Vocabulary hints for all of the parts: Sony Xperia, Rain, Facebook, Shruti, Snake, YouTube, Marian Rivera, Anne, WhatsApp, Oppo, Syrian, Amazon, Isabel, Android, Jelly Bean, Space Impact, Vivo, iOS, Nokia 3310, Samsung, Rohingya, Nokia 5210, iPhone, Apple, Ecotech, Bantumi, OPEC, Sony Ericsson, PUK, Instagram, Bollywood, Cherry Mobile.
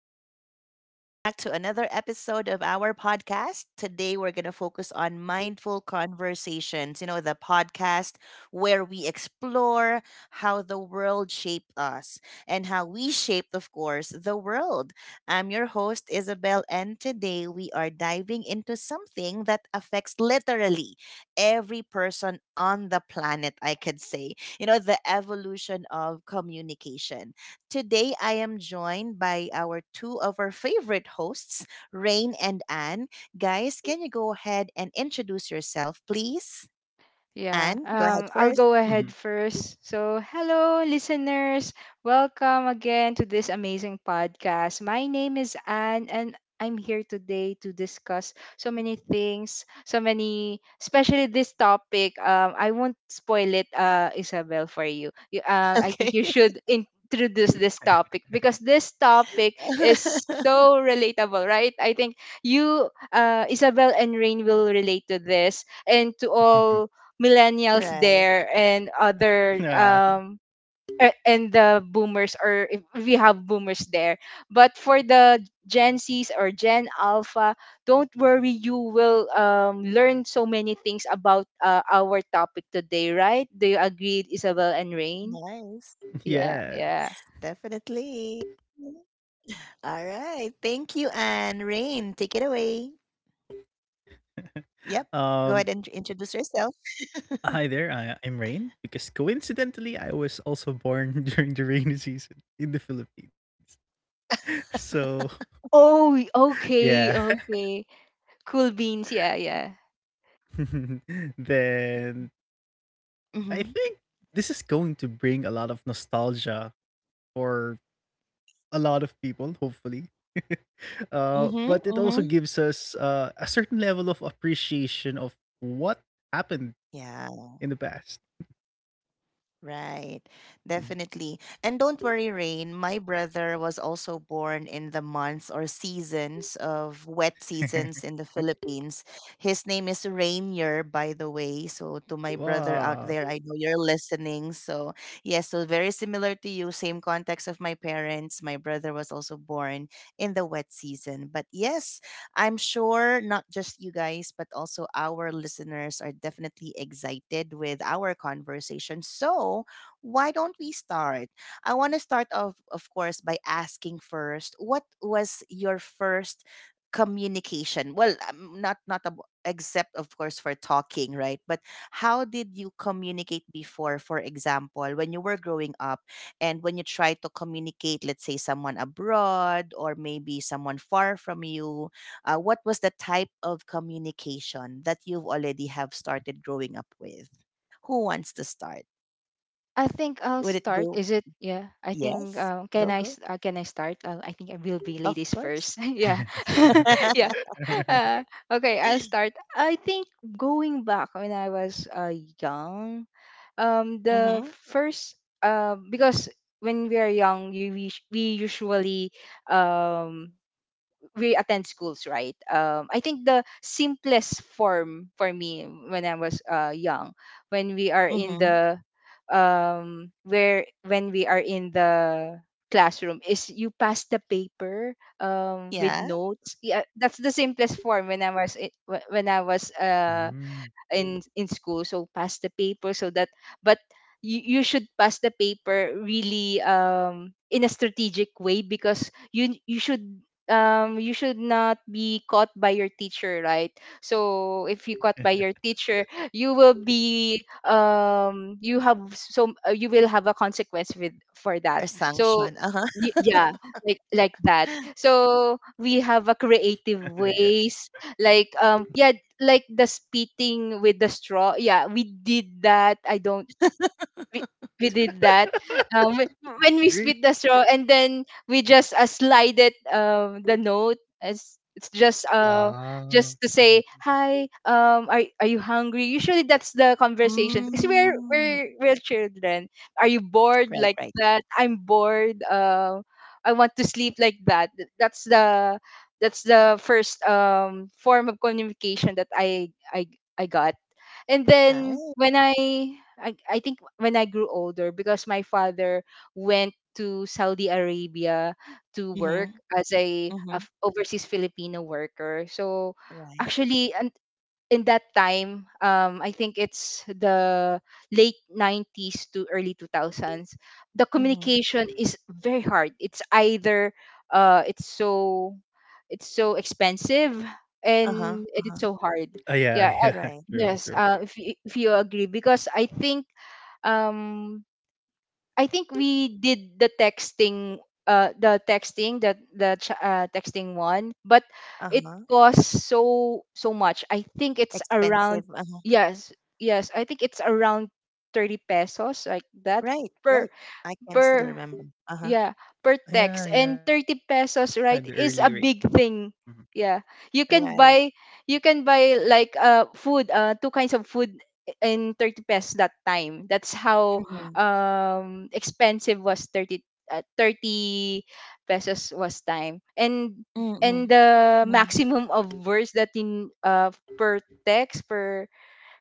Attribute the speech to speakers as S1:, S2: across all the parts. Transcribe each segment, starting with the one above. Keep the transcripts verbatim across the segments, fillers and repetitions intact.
S1: guys, and welcome back to another episode of our podcast. Today, we're going to focus on mindful conversations, you know, the podcast where we explore how the world shaped us and how we shaped, of course, the world. I'm your host, Isabel, and today we are diving into something that affects literally every person on the planet, I could say, you know, the evolution of communication. Today, I am joined by our two of our favorite hosts, Rain and Anne. Guys, can you go ahead and introduce yourself, please?
S2: Yeah,
S1: Anne, go ahead
S2: um, I'll
S1: first.
S2: go ahead
S3: Mhm,
S2: first. So, hello, listeners. Welcome again to this amazing podcast. My name is Anne, and I'm here today to discuss so many things, so many, especially this topic. Um, I won't spoil it, uh, Isabel, for you. you uh, I
S1: Okay.
S2: think you should introduce this topic, because this topic is so relatable, right? I think you, uh, Isabel and Rain will relate to this, and to all
S1: Right.
S2: millennials there and other
S3: Ah,
S2: um a- and the boomers, or if we have boomers there, but for the Gen Z's or Gen Alpha, don't worry, you will um, learn so many things about uh, our topic today, right? Do you agree, Isabel and Rain?
S1: Nice.
S2: Yeah, yeah.
S3: yes.
S1: Definitely. All right. Thank you, Anne. Rain, take it away. Yep. Go ahead and
S3: Um,
S1: introduce yourself.
S3: Hi there. I, I'm Rain because coincidentally, I was also born during the rainy season in the Philippines. So,
S2: Oh,
S3: yeah.
S2: okay, okay, cool beans. Yeah, yeah.
S3: then
S1: Mm-hmm.
S3: I think this is going to bring a lot of nostalgia for a lot of people, hopefully. Uh,
S1: Mm-hmm.
S3: but it
S1: Mm-hmm.
S3: also gives us uh, a certain level of appreciation of what happened
S1: Yeah.
S3: in the past.
S1: Right.
S3: Mhm.
S1: Definitely. And don't worry, Rain. My brother was also born in the months or seasons of wet seasons in the Philippines. His name is Rainier, by the way. So, to my brother out there, I
S3: Wow.
S1: know you're listening. So, yes, so very similar to you, same context of my parents. My brother was also born in the wet season. But yes, I'm sure not just you guys, but also our listeners are definitely excited with our conversation. So, why don't we start? I want to start off, of course, by asking first what was your first communication, well, um, not not ab- except, of course, for talking, right? But how did you communicate before, for example, when you were growing up, and when you try to communicate, let's say, someone abroad or maybe someone far from you, uh, what was the type of communication that you've already have started growing up with? Who wants to start?
S2: I think I'll
S1: Would it
S2: start.
S1: go?
S2: Is it? Yeah. I think.
S1: Yes,
S2: Um, can
S1: go,
S2: I? S-
S1: go.
S2: Uh, can I start? Uh, I think I will be
S1: Of
S2: ladies
S1: course.
S2: first. Yeah. Yeah. Uh, okay. I'll start. I think going back when I was uh, young, um, the
S1: Mhm.
S2: first uh, because when we are young, you, we we usually um we attend schools, right? Um, I think the simplest form for me when I was uh, young, when we are in
S1: Mhm.
S2: the um, where when we are in the classroom, is you pass the paper um, with
S1: Yeah.
S2: notes. Yeah, that's the simplest form when I was i- wh- when I was uh,
S3: Mm.
S2: in in school, so pass the paper, so that. But you, you should pass the paper really um in a strategic way, because you you should um you should not be caught by your teacher, right? So if you caught by your teacher, you will be um you have so uh, you will have a consequence with for that.
S1: Or
S2: So
S1: sanction. Uh huh.
S2: y- yeah, like like that. So we have a creative
S3: Yeah.
S2: ways, like um yeah like the spitting with the straw. Yeah, we did that. I don't. We we did that um, whe- when we
S3: Really?
S2: split the straw, and then we just uh, slide it, um, the note, as it's just uh
S3: Ah.
S2: just to say
S3: Mhm.
S2: hi. um are are you hungry? Usually that's the conversation, because we're
S1: Mm.
S2: we're we're children. Are you bored?
S1: Right.
S2: Like
S1: Right.
S2: that. I'm bored. uh, I want to sleep. Like that. Th- that's the that's the first um form of communication that i i i got. And then
S1: Right.
S2: when I, I I think when I grew older, because my father went to Saudi Arabia to work
S1: Mhm.
S2: as a, a
S1: Mhm.
S2: f- overseas Filipino worker. So
S1: Right.
S2: actually un- in that time, um, I think it's the late nineties to early two thousands. The
S1: Mhm.
S2: communication is very hard. It's either uh, it's so it's so expensive,
S1: Uh huh.
S2: and
S1: Uh huh.
S2: it's so hard.
S3: Oh, yeah,
S2: Yeah, I,
S3: yeah.
S1: Right.
S3: True,
S2: yes,
S3: true.
S2: uh, if you, if you agree, because I think um I think we did the texting. Uh the texting the the ch- uh, texting, one, but
S1: Uh
S2: it
S1: huh.
S2: costs so so much. I think it's
S1: Expensive.
S2: around...
S1: Uh huh.
S2: yes, yes, I think it's around thirty pesos, like that,
S1: Right.
S2: per
S1: Right. I can still
S2: per
S1: remember. Uh huh.
S2: yeah, per text.
S3: Yeah,
S2: And
S3: yeah, the
S2: thirty
S3: early rates.
S2: pesos, right, is a
S3: Mhm.
S2: big thing. Yeah. You can
S1: Right.
S2: buy you can buy, like, uh food, uh two kinds of food in thirty pesos, that time. That's how
S1: Mhm.
S2: um expensive was thirty, uh, thirty pesos was time. And
S1: Mhm.
S2: and the
S1: Mhm.
S2: maximum of words that in uh per text, per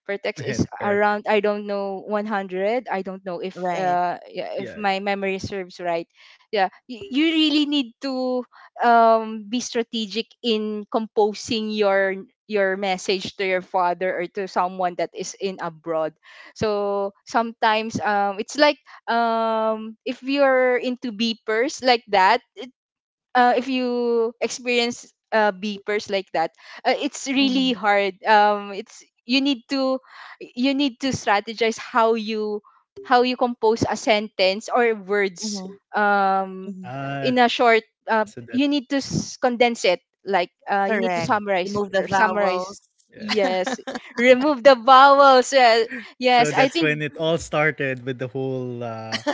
S2: vertex is
S3: Directors.
S2: around, I don't know, one hundred. I don't know if
S1: Right.
S2: uh yeah, if
S3: Yeah, yeah.
S2: my memory serves right. Yeah, you, you really need to um be strategic in composing your your message to your father, or to someone that is in abroad. So sometimes, um it's like, um if you're into beepers, like that. Uh, if you experience uh, beepers, like that, uh, it's really
S1: Mm-hmm.
S2: hard. Um, it's You need to you need to strategize how you how you compose a sentence or words,
S1: Mhm,
S2: um,
S1: mhm.
S2: in
S3: Ah,
S2: a
S3: so
S2: short.
S3: that's
S2: Uh, you need to s- condense it. Like, uh, you
S3: mhm,
S2: need to
S1: Correct.
S2: summarize
S1: Remove the
S2: r-
S1: vowels.
S2: summarize.
S3: yeah.
S2: Yes, remove the vowels. Yeah.
S3: So
S2: Yes, I
S3: that's when
S2: think
S3: it all started with the whole, uh,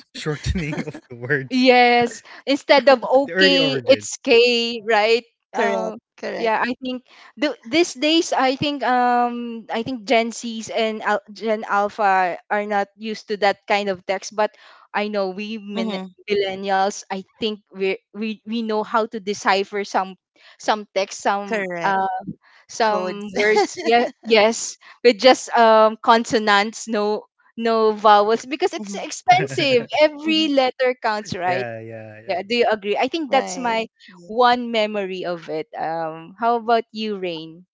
S3: sh shortening of the words,
S2: Yes,
S3: the early
S2: instead of
S3: origins.
S2: okay, it's K, right?
S1: Correct,
S2: Um,
S1: correct.
S2: yeah, I think th- these days, I think um, I think Gen Zs and al- Gen Alpha are not used to that kind of text. But I know we
S1: Mhm,
S2: min- millennials, I think we we we know how to decipher some some text,
S1: correct.
S2: some uh,
S1: Codes.
S2: some words. Yeah, yes, with just um consonants, no no vowels,
S1: Mhm,
S2: because it's expensive.
S1: mhm.
S2: Every letter counts, right?
S3: Yeah, yeah,
S2: Yeah,
S3: yeah.
S2: do you agree? I think
S1: Right.
S2: that's my
S1: Ye
S2: one memory of it. Um, how about you, Rain?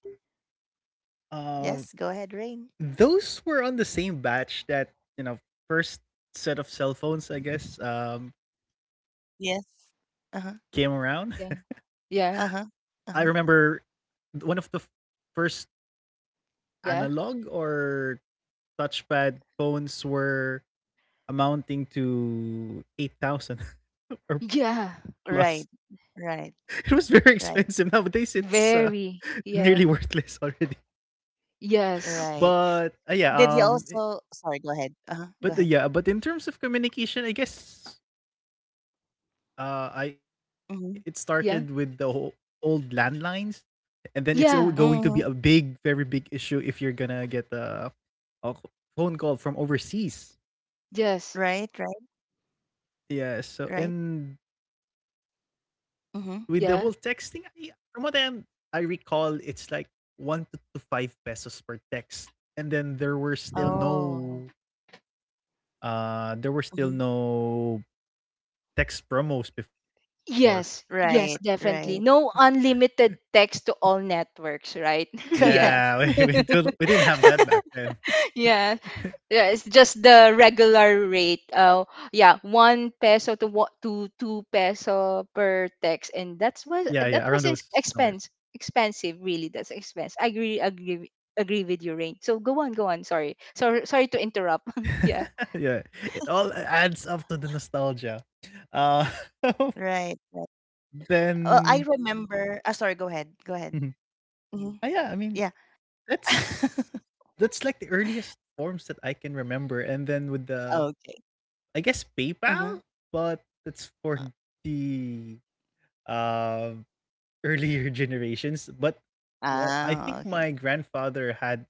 S1: Yes,
S3: Um
S1: go ahead, Rain.
S3: Those were on the same batch that, you know, first set of cell phones, I guess, um, came
S1: Yes.
S3: around.
S1: Uh-huh,
S2: Yeah,
S3: I
S2: yeah,
S1: uh-huh,
S3: remember
S1: uh-huh.
S3: one of the first
S2: yeah,
S3: analog or touchpad phones were amounting to eight thousand or plus.
S2: yeah.
S1: Right,
S3: It was
S1: right,
S3: very expensive.
S1: right,
S3: Nowadays, it's uh,
S2: Very,
S3: nearly
S2: yeah,
S3: worthless already.
S2: yes,
S1: right.
S3: But uh,
S1: Did
S3: yeah,
S1: you
S3: um, it-
S1: also, sorry, go ahead. Uh-huh, go
S3: but uh,
S1: ahead.
S3: yeah, but in terms of communication, I guess Uh, I it started
S1: Mhm,
S3: with the whole
S2: yeah,
S3: old landlines, and then it's al- going to
S2: yeah,
S3: be a
S1: mhm.
S3: big, very big issue if you're gonna get a, a c- phone call from overseas.
S2: yes,
S1: Right, right,
S3: Yeah. So
S1: right.
S3: and with the whole texting,
S1: Mhm.
S3: I,
S2: yeah,
S3: from what I'm, I recall, it's like one to to five pesos per text, and then there were still no,
S1: Oh.
S3: uh, there were still
S1: Mhm.
S3: no text promos before.
S2: yes, yes,
S1: Right,
S2: definitely.
S1: right.
S2: No unlimited text to all networks, right? Yeah,
S3: Yeah, we
S1: Correct.
S3: we, didn't we didn't have that back then.
S2: yeah. Yeah, it's just the regular rate. Uh, yeah, one peso to what to two peso per text,
S3: Yeah,
S2: and
S3: yeah,
S2: that's
S3: around
S2: was that
S3: those
S2: was ex-
S3: numbers.
S2: expense expensive. Really, that's expense. I agree agree with- agree with you, Rain. So go on, go on. Sorry, sorry, sorry to interrupt. Yeah,
S3: Yeah, it all adds up to the nostalgia. Uh,
S1: Right, right.
S3: then,
S1: Well, I remember, ah, sorry, go
S3: mhm.
S1: ahead. Go ahead.
S3: Ah, yeah, I
S1: Mhm.
S3: mean
S1: Yeah.
S3: that's that's like the earliest forms that I can remember, and then with the
S1: Okay.
S3: I guess PayPal,
S1: Uh-huh.
S3: but that's for the um earlier generations. But well, I think
S1: Ah, okay.
S3: my grandfather had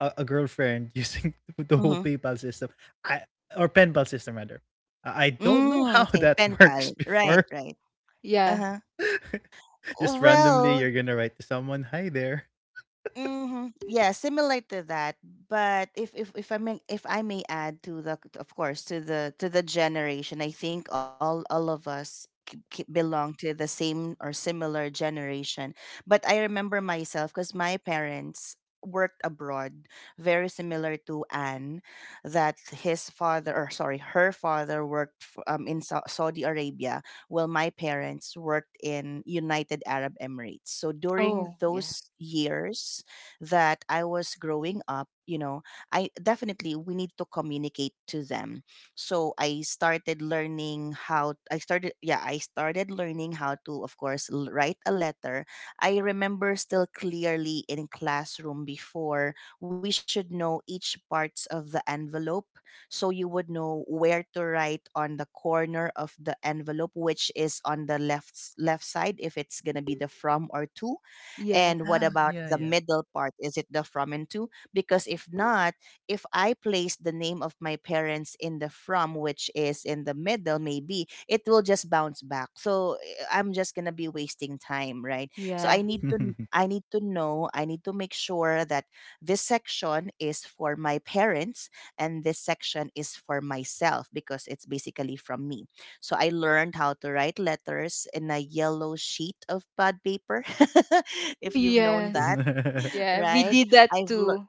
S3: a, a girlfriend using the whole
S1: Mhm.
S3: PayPal system, I or pen pal system rather. I I don't know
S1: Mm,
S3: how
S1: okay,
S3: that
S1: pen
S3: works
S1: pal. Right,
S3: before.
S1: right.
S2: yeah.
S1: Uh-huh.
S3: Just randomly,
S1: Well,
S3: you're gonna write to someone, "Hi there."
S1: mm-hmm, yeah, similar to that. But if if if I may, if I may add to the, of course, to the to the generation, I think all all of us k- k- belong to the same or similar generation. But I remember myself because my parents worked abroad, very similar to Anne, that his father, or sorry, her father worked for, um, in Sau- Saudi Arabia, while my parents worked in United Arab Emirates. So during
S2: Oh, yeah,
S1: those years that I was growing up, you know, I definitely we need to communicate to them. So I started learning how I started yeah, I started learning how to, of course, l- write a letter. I remember still clearly in classroom before, we should know each parts of the envelope, so you would know where to write on the corner of the envelope, which is on the left s- left side, if it's going to be the from or to.
S2: yeah,
S1: And what
S3: Yeah,
S1: about
S3: yeah,
S1: the
S3: yeah.
S1: middle part? Is it the from and to? Because if not, if I place the name of my parents in the from, which is in the middle, maybe it will just bounce back. So, eh, I'm just gonna be wasting time, right? So
S2: yeah.
S1: I need to kn- I need to know, I need to make sure that this section is for my parents and this section is for myself because it's basically from me. So I learned how to write letters in a yellow sheet of pad paper,
S2: Oh,
S1: if you've known
S2: yes,
S1: that,
S2: yeah. We
S1: right?
S2: did that
S1: I've learned
S2: too.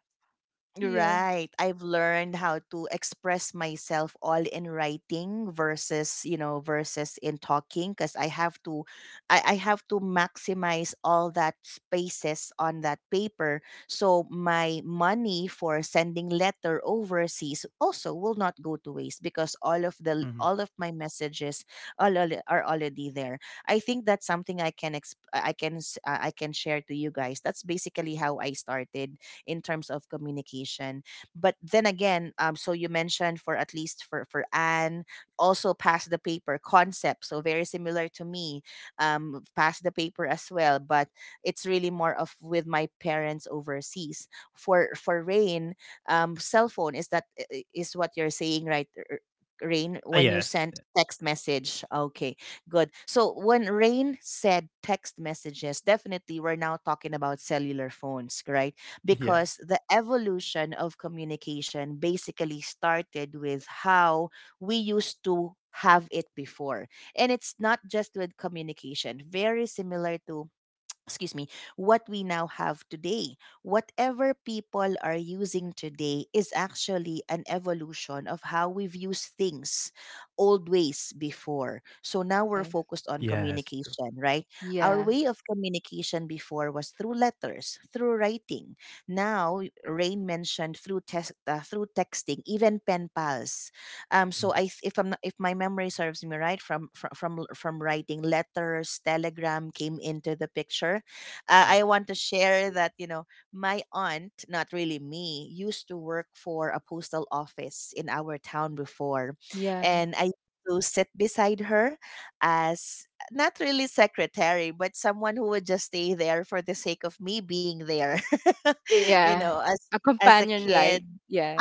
S2: Yeah,
S1: Right. I've learned how to express myself all in writing versus, you know, versus in talking, because I have to I, I have to maximize all that spaces on that paper. So my money for sending letter overseas also will not go to waste because all of the
S3: Mhm.
S1: all of my messages all, all are already there. I think that's something I can exp- I can s- uh, I can share to you guys. That's basically how I started in terms of communication. But then again, um, so you mentioned for at least for for Anne, also pass the paper concept. So very similar to me, um, pass the paper as well. But it's really more of with my parents overseas. For for Rain, um, cell phone is that i- i- is what you're saying, right? r- Rain,
S3: Ah,
S1: when you
S3: yes,
S1: sent text message. Okay, good. So when Rain said text messages, definitely we're now talking about cellular phones, right?
S3: yeah,
S1: Because the evolution of communication basically started with how we used to have it before. And it's not just with communication, very similar to, excuse me, what we now have today. Whatever people are using today is actually an evolution of how we've used things, old ways before. So now we're
S2: yeah,
S1: focused on
S3: yes, true.
S1: communication, right? Our
S2: yeah,
S1: way of communication before was through letters, through writing. Now, Rain mentioned through test, uh, through texting, even pen pals. Um, so
S3: Mhm.
S1: I, th- if I'm not, if my memory serves me right, from from from, from writing letters, telegram came into the picture. uh,
S3: Yeah,
S1: I want to share that, you know, my aunt, not really me, used to work for a postal office in our town before.
S2: yeah,
S1: And I used to sit beside her as not really secretary, but someone who would just stay there for the sake of me being there,
S2: Y-
S1: you
S2: yeah.
S1: know, as
S2: A
S1: as a
S2: companion light.
S1: kid.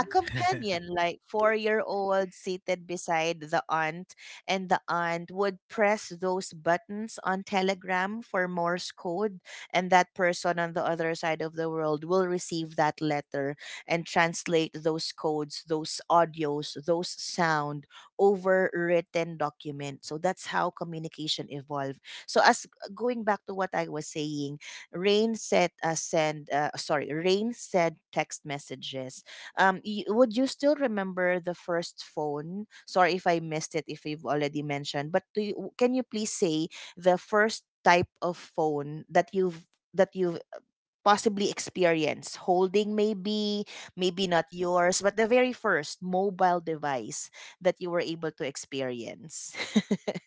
S1: A companion, like four year old, seated beside the aunt, and the aunt would press those buttons on Telegram for Morse code, and that person on the other side of the world will receive that letter and translate those codes, those audios, those sound over written document. So that's how communication evolved. So as going back to what I was saying, Rain said, uh, send uh, sorry, Rain said text messages. Um, y- would you still remember the first phone? Sorry if I missed it if you've already mentioned, but do you, can you please say the first type of phone that you've that you've uh, possibly experienced holding, maybe maybe not yours, but the very first mobile device that you were able to experience?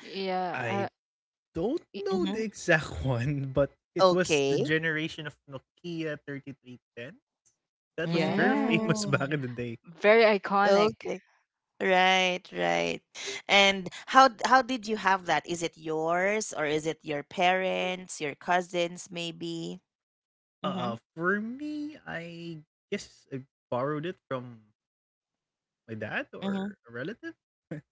S2: yeah.
S3: I don't
S2: uh,
S3: know
S1: Hmm,
S3: the exact one, but it was the
S1: okay.
S3: generation of Nokia thirty three ten. That was very
S2: Yeah.
S3: famous back in the
S1: Mm.
S3: day.
S2: Very iconic.
S1: Okay, right, right. And how d- how did you have that? Is it yours or is it your parents, your cousins, maybe? Mm-hmm.
S3: Uh, for me, I guess I borrowed it from my dad
S1: Mm-hmm.
S3: or a relative.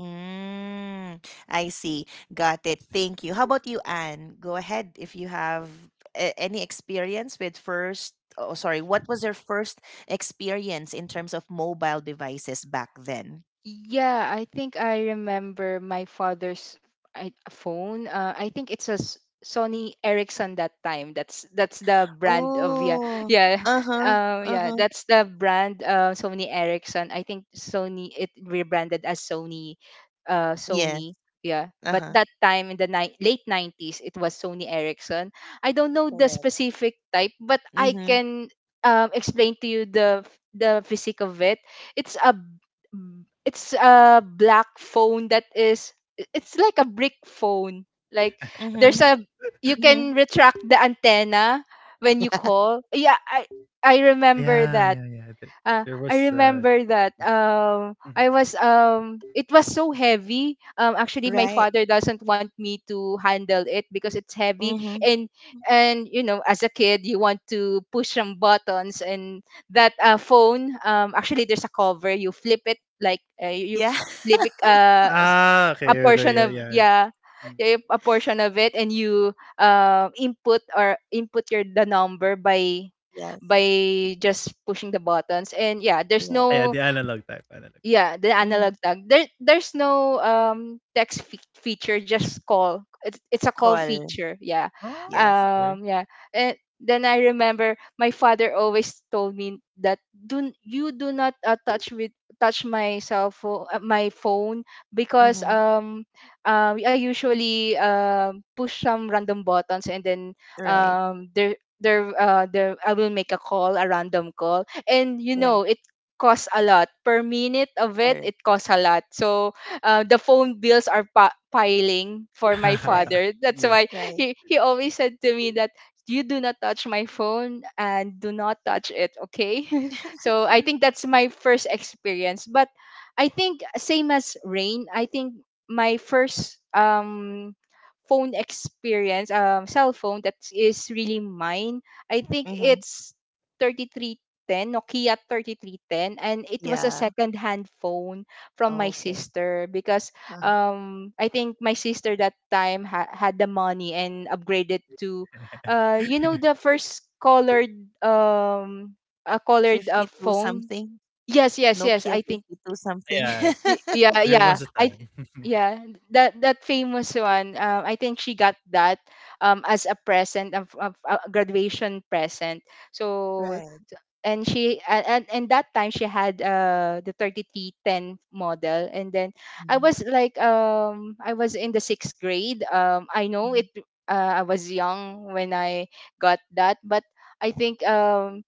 S1: Mm, I see. Got it. Thank you. How about you, Anne? Go ahead if you have a- any experience with first. Oh, sorry. What was your first experience in terms of mobile devices back then?
S2: Yeah, I think I remember my father's I, phone. Uh, I think it's a S- Sony Ericsson, that time. That's that's the brand of. Yeah,
S1: Oh,
S2: yeah.
S1: uh huh,
S2: Um
S1: uh
S2: yeah,
S1: huh.
S2: that's the brand, uh, Sony Ericsson. I think Sony, it rebranded as Sony, uh
S1: Yes,
S2: Sony. Yeah.
S1: uh
S2: But
S1: huh.
S2: that time, in the ni- late nineties, it was Sony Ericsson. I don't know the
S1: Correct.
S2: specific type, but
S1: Mm
S2: I
S1: hmm,
S2: can um explain to you the f- the physique of it. It's a it's a black phone, that is i- it's like a brick phone, like,
S1: mm hmm,
S2: there's a you
S1: mm hmm.
S2: can retract the antenna when you call. Yeah, I I remember
S3: Yeah,
S2: that.
S3: yeah, yeah. There,
S2: Uh,
S3: there
S2: I
S3: was uh
S2: remember that um
S3: mhm.
S2: I was um It was so heavy. Um actually, my
S1: Right.
S2: father doesn't want me to handle it because it's heavy,
S1: Mm hmm.
S2: and and you know, as a kid, you want to push some buttons. And that uh, phone, um actually, there's a cover, you flip it, like, uh, you
S1: Yeah.
S2: flip it uh
S3: Ah,
S2: a
S3: okay, okay,
S2: portion
S3: yeah,
S2: of,
S3: yeah.
S2: yeah,
S3: Mm.
S2: yeah, a portion of it, and you uh, input or input your the number by
S1: Yes,
S2: by just pushing the buttons. And yeah, there's
S1: right.
S3: Ah, yeah,
S2: no.
S3: the analog type, analog type.
S2: Yeah, the
S1: Mm-hmm.
S2: analog tag. There, there's no um text fe- feature. Just call. It's it's a call
S1: Call.
S2: feature. Yeah,
S3: Oh,
S1: Yes.
S3: okay.
S2: um, yeah. And then I remember my father always told me that do you do not uh, touch with touch my cell phone, uh, my phone, because
S1: Mm-hmm.
S2: um, um, I usually um push some random buttons, and then,
S1: Right.
S2: um there there uh there I will make a call, a random call, and you
S1: Right.
S2: know it costs a lot. Per minute of it,
S1: Correct.
S2: it costs a lot. So, uh, the phone bills are pa- piling for my
S1: Right.
S2: father. That's
S3: yeah.
S2: why
S1: Right.
S2: he, he always said to me that you do not touch my phone, and do not touch it, okay? So I think that's my first experience. But I think, same as Rain, I think my first um phone experience, um cell phone that is really mine, I think
S1: Mm-hmm.
S2: it's 33 10, Nokia thirty-three ten, and it was a
S1: Yeah.
S2: second-hand phone from
S1: Oh,
S2: my
S1: okay.
S2: sister, because,
S1: Uh,
S2: um, I think my sister, that time, ha- had the money and upgraded to, uh, you know, the first colored, um, a colored uh,
S1: fifty two
S2: phone.
S1: something.
S2: Yes, yes, yes.
S1: Nokia
S2: I think
S1: fifty two something.
S3: yeah,
S2: y- yeah,
S3: there
S2: yeah.
S3: was a
S2: I
S3: time.
S2: th- yeah that that famous one. Um, I think she got that um as a present of, of a graduation present. So
S1: Right.
S2: and she and, and and that time she had uh the thirty-three ten model, and then I
S1: Mm-hmm.
S2: was like, um I was in the sixth grade, um I know it, uh, I was young when I got that. But I think, um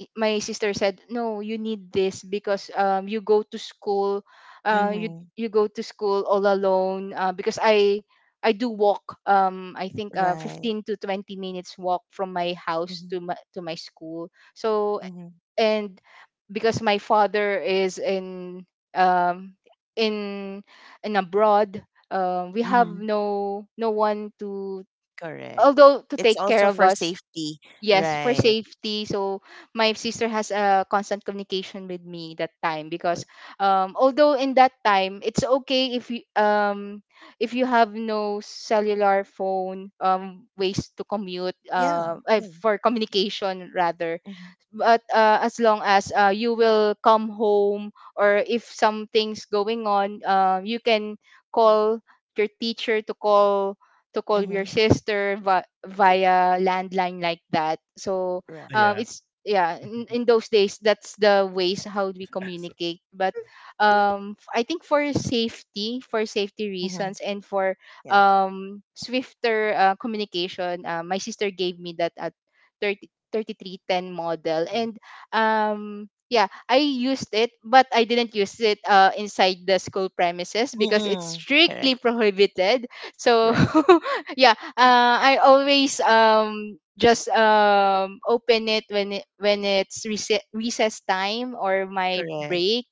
S2: i- my sister said, no, you need this, because um you go to school. uh you
S1: Mm-hmm.
S2: you go to school all alone, uh, because i I do walk. Um, I think, uh,
S1: Right.
S2: fifteen to twenty minutes walk from my house
S1: Mm-hmm. Right.
S2: to my to my school. So,
S1: Mm-hmm.
S2: and because my father is in um in in abroad, um we have
S1: Mm-hmm.
S2: no no one to,
S1: Correct.
S2: although, to
S1: It's
S2: take care
S1: also
S2: of
S1: for
S2: us.
S1: safety.
S2: Yes, for
S1: Right.
S2: safety. So my sister has a constant communication with me that time, because
S1: Good.
S2: um although in that time it's okay if you, um if you have no cellular phone, um ways to commute,
S1: Yeah.
S2: uh, uh
S1: Yeah.
S2: for communication rather.
S1: Mm-hmm.
S2: But uh, as long as, uh, you will come home, or if something's going on, uh, you can call your teacher to call to call your
S1: Mm-hmm.
S2: sister, vi- via landline, like that. So
S1: Right.
S2: um,
S3: yeah.
S2: it's, yeah, in, in those days, that's the ways how we
S3: so,
S2: communicate. But um, f- I think for safety for safety
S1: Mm-hmm.
S2: reasons, and for
S1: Yeah.
S2: um, swifter uh, communication, uh, my sister gave me that at thirty-three ten model.
S1: Yeah.
S2: And um yeah, I used it, but I didn't use it uh, inside the school premises, because it's
S1: Mm-mm.
S2: strictly
S1: Correct.
S2: prohibited. So
S1: Right.
S2: yeah, uh, I always um just um open it when it when it's rece- recess time or my
S1: Correct.
S2: break,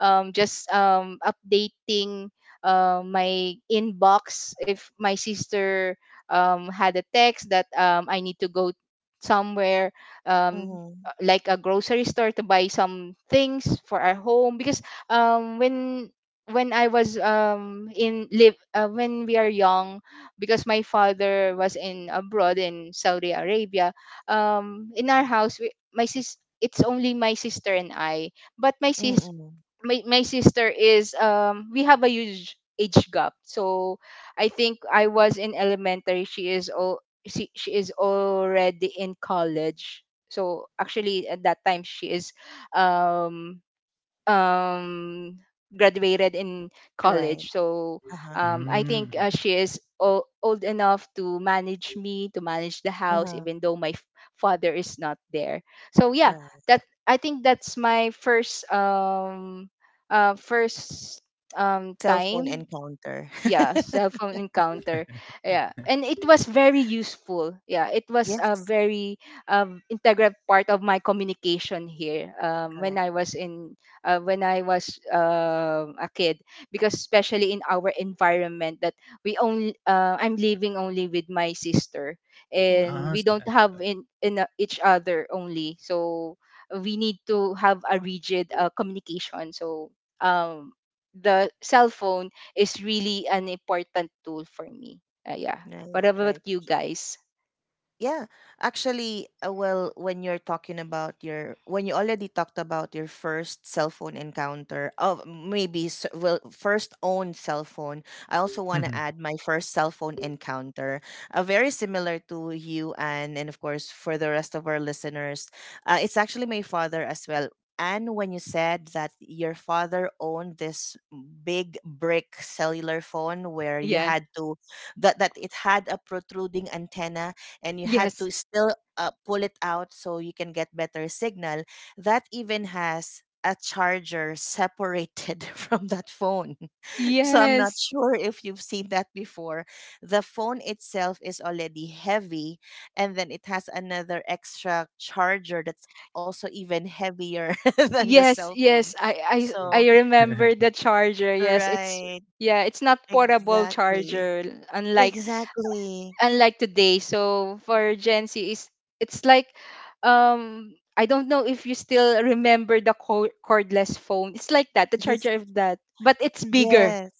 S2: um just um updating uh, my inbox, if my sister um, had a text that um, I need to go somewhere, um uh,
S1: Mm-hmm.
S2: like a grocery store to buy some things for our home. Because um when when I was, um in live uh, when we are young, because my father was in abroad in Saudi Arabia. Um in our house, we — my sis it's only my sister and I. But my sis
S1: Mm-mm.
S2: my, my sister is, um we have a huge age gap. So I think I was in elementary, she is she, she is already in college. So actually at that time she is, um um graduated in
S1: Right.
S2: college. So
S1: Uh-huh.
S2: um I think,
S3: mm.
S2: uh, she is o- old enough to manage me, to manage the house,
S1: Mm-hmm.
S2: even though my f- father is not there. So yeah,
S1: Right.
S2: that I think that's my first, um uh first um
S1: Cell phone
S2: time.
S1: encounter.
S2: Yeah, cell phone encounter. Yeah, and it was very useful. Yeah, it was a
S1: Yes.
S2: very um, integral part of my communication here, um,
S1: Correct.
S2: when i was in uh, when I was um a kid. Because especially in our environment that, we only uh, I'm living only with my sister, and
S3: ah,
S1: Mm-mm.
S2: we
S3: so
S2: don't
S3: that's
S2: have, in, in uh, each other only. So we need to have a rigid uh, communication. So um the cell phone is really an important tool for me. Uh, yeah.
S1: Right,
S2: What about
S1: right.
S2: you guys?
S1: Yeah, actually, uh, well, when you're talking about your, when you already talked about your first cell phone encounter, of maybe s- well, first owned cell phone, I also want to
S3: why.
S1: add my first cell phone encounter, uh, very similar to you, and and of course, for the rest of our listeners, uh, it's actually my father as well. And when you said that your father owned this big brick cellular phone where you
S2: Yeah.
S1: had to, that that it had a protruding antenna, and you had
S2: Yes.
S1: to still, uh, pull it out so you can get better signal, that even has a charger separated from that phone, so I'm not
S2: Yes.
S1: sure if you've seen that before. The phone itself is already heavy, and then it has another extra charger that's also even heavier than the cell
S2: Yes.
S1: phone.
S2: Yes. I
S1: So
S2: I I remember the charger. Yes. It's,
S1: right,
S2: yeah. It's not portable
S1: exactly,
S2: charger. Unlike
S1: exactly,
S2: unlike today. So for Gen Z, is, it's like, um. I don't know if you still remember the co- cordless phone. It's like that, the
S1: yes.
S2: charger of that, but it's bigger.
S1: Yes.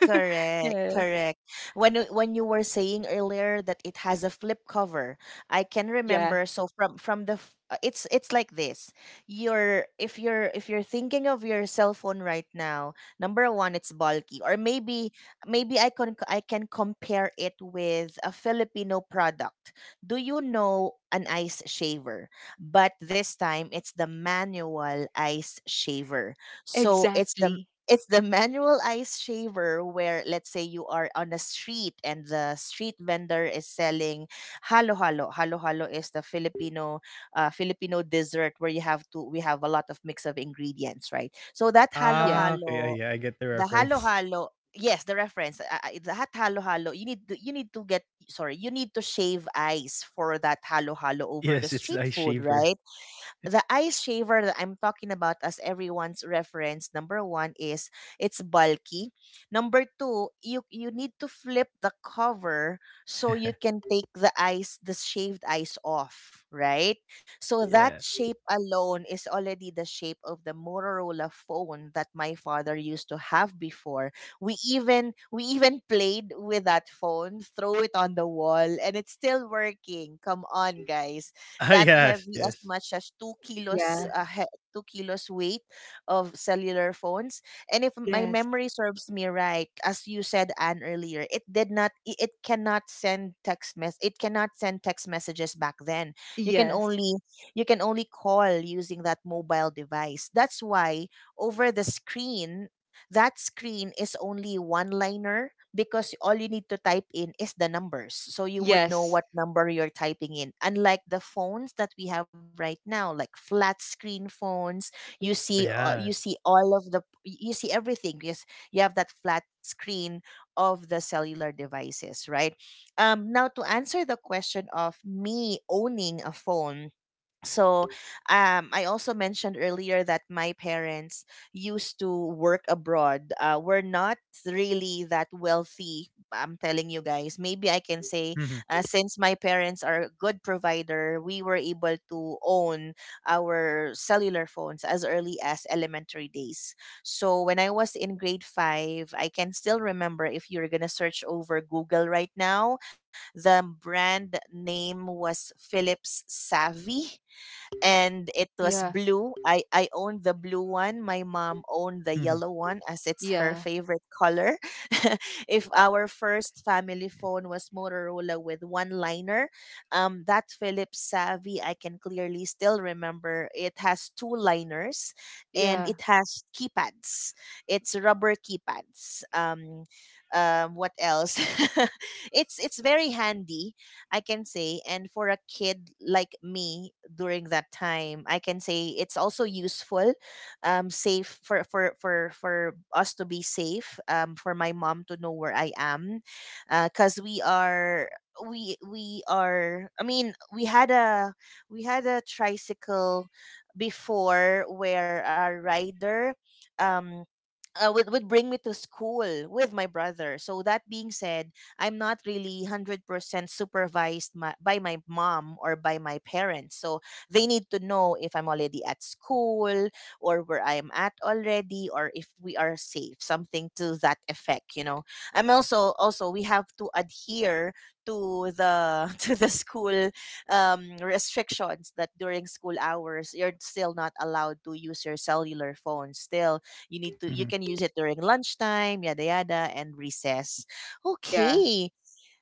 S1: Correct,
S2: Yes.
S1: correct. When you- when you were saying earlier that it has a flip cover, I can
S2: Yeah,
S1: remember. So from from the f- uh, it's it's like this. You're if you're if you're thinking of your cell phone right now, number one, it's bulky, or maybe maybe I can I can compare it with a Filipino product. Do you know an ice shaver? But this time it's the manual ice shaver. So it's the
S2: exactly.
S1: it's the manual ice shaver where, let's say, you are on a street and the street vendor is selling halo halo. Halo halo is the Filipino uh, Filipino dessert where you have to we have a lot of mix of ingredients, right? So that halo
S2: Yeah.
S3: Ah, okay, I
S1: halo,
S3: yeah, I get the
S1: the halo
S3: reference.
S1: halo, yes, the reference, uh, uh, that halo halo, you need to, you need to get, sorry, you need to shave ice for that halo halo over the
S3: Yes, it's the
S1: street
S3: ice
S1: food,
S3: shaver.
S1: right? The ice shaver that I'm talking about, as everyone's reference, number one is, it's bulky. Number two, you you need to flip the cover so you can take the ice, the shaved ice, off, right? So that
S3: Yeah.
S1: shape alone is already the shape of the Motorola phone that my father used to have before. We even we even played with that phone, throw it on the wall, and it's still working. Come on, guys,
S3: Ah,
S1: that
S3: yes,
S1: heavy, as
S3: yes.
S1: much as two kilos,
S2: Yeah.
S1: uh, he- two kilos weight of cellular phones. And if my
S2: Yes.
S1: memory serves me right, as you said, Anne, earlier, it did not, i- it cannot send text mess, it cannot send text messages back then. You can
S2: Yes.
S1: only, you can only call using that mobile device. That's why, over the screen, that screen is only one liner because all you need to type in is the numbers. So you would know
S2: Yes.
S1: what number you're typing in. Unlike the phones that we have right now, like flat screen phones, you see uh, you see
S3: Ayan.
S1: all of the you see everything because you have that flat screen of the cellular devices, right? Um, now, to answer the question of me owning a phone, so, um, I also mentioned earlier that my parents used to work abroad. Uh, we're not really that wealthy. I'm telling you guys. Maybe I can say,
S3: Mhm,
S1: uh, since my parents are a good provider, we were able to own our cellular phones as early as elementary days. So when I was in grade five, I can still remember. If you're gonna search over Google right now, the brand name was Philips Savvy and it was
S2: Yeah.
S1: blue. I I owned the blue one. My mom owned the
S3: mhm,
S1: yellow one, as it's her
S2: Yeah.
S1: favorite color. If our first family phone was Motorola with one liner, um, that Philips Savvy I can clearly still remember. It has two liners, and
S2: Yeah.
S1: it has keypads. It's rubber keypads. Um, um, what else? it's it's very handy, I can say. And for a kid like me during that time, I can say it's also useful, um, safe, for for for for us to be safe, um, for my mom to know where I am, because we are we we are I mean we had a we had a tricycle before, where a rider um uh, would would bring me to school with my brother. So, that being said, I'm not really one hundred percent supervised my, by my mom or by my parents. So they need to know if I'm already at school or where I am at already, or if we are safe, something to that effect. You know, I'm also also we have to adhere to the to the school um, restrictions, that during school hours you're still not allowed to use your cellular phone. Still, you need to you
S3: mhm,
S1: can use it during lunchtime, yada yada, and recess.
S2: Yeah.
S1: Okay.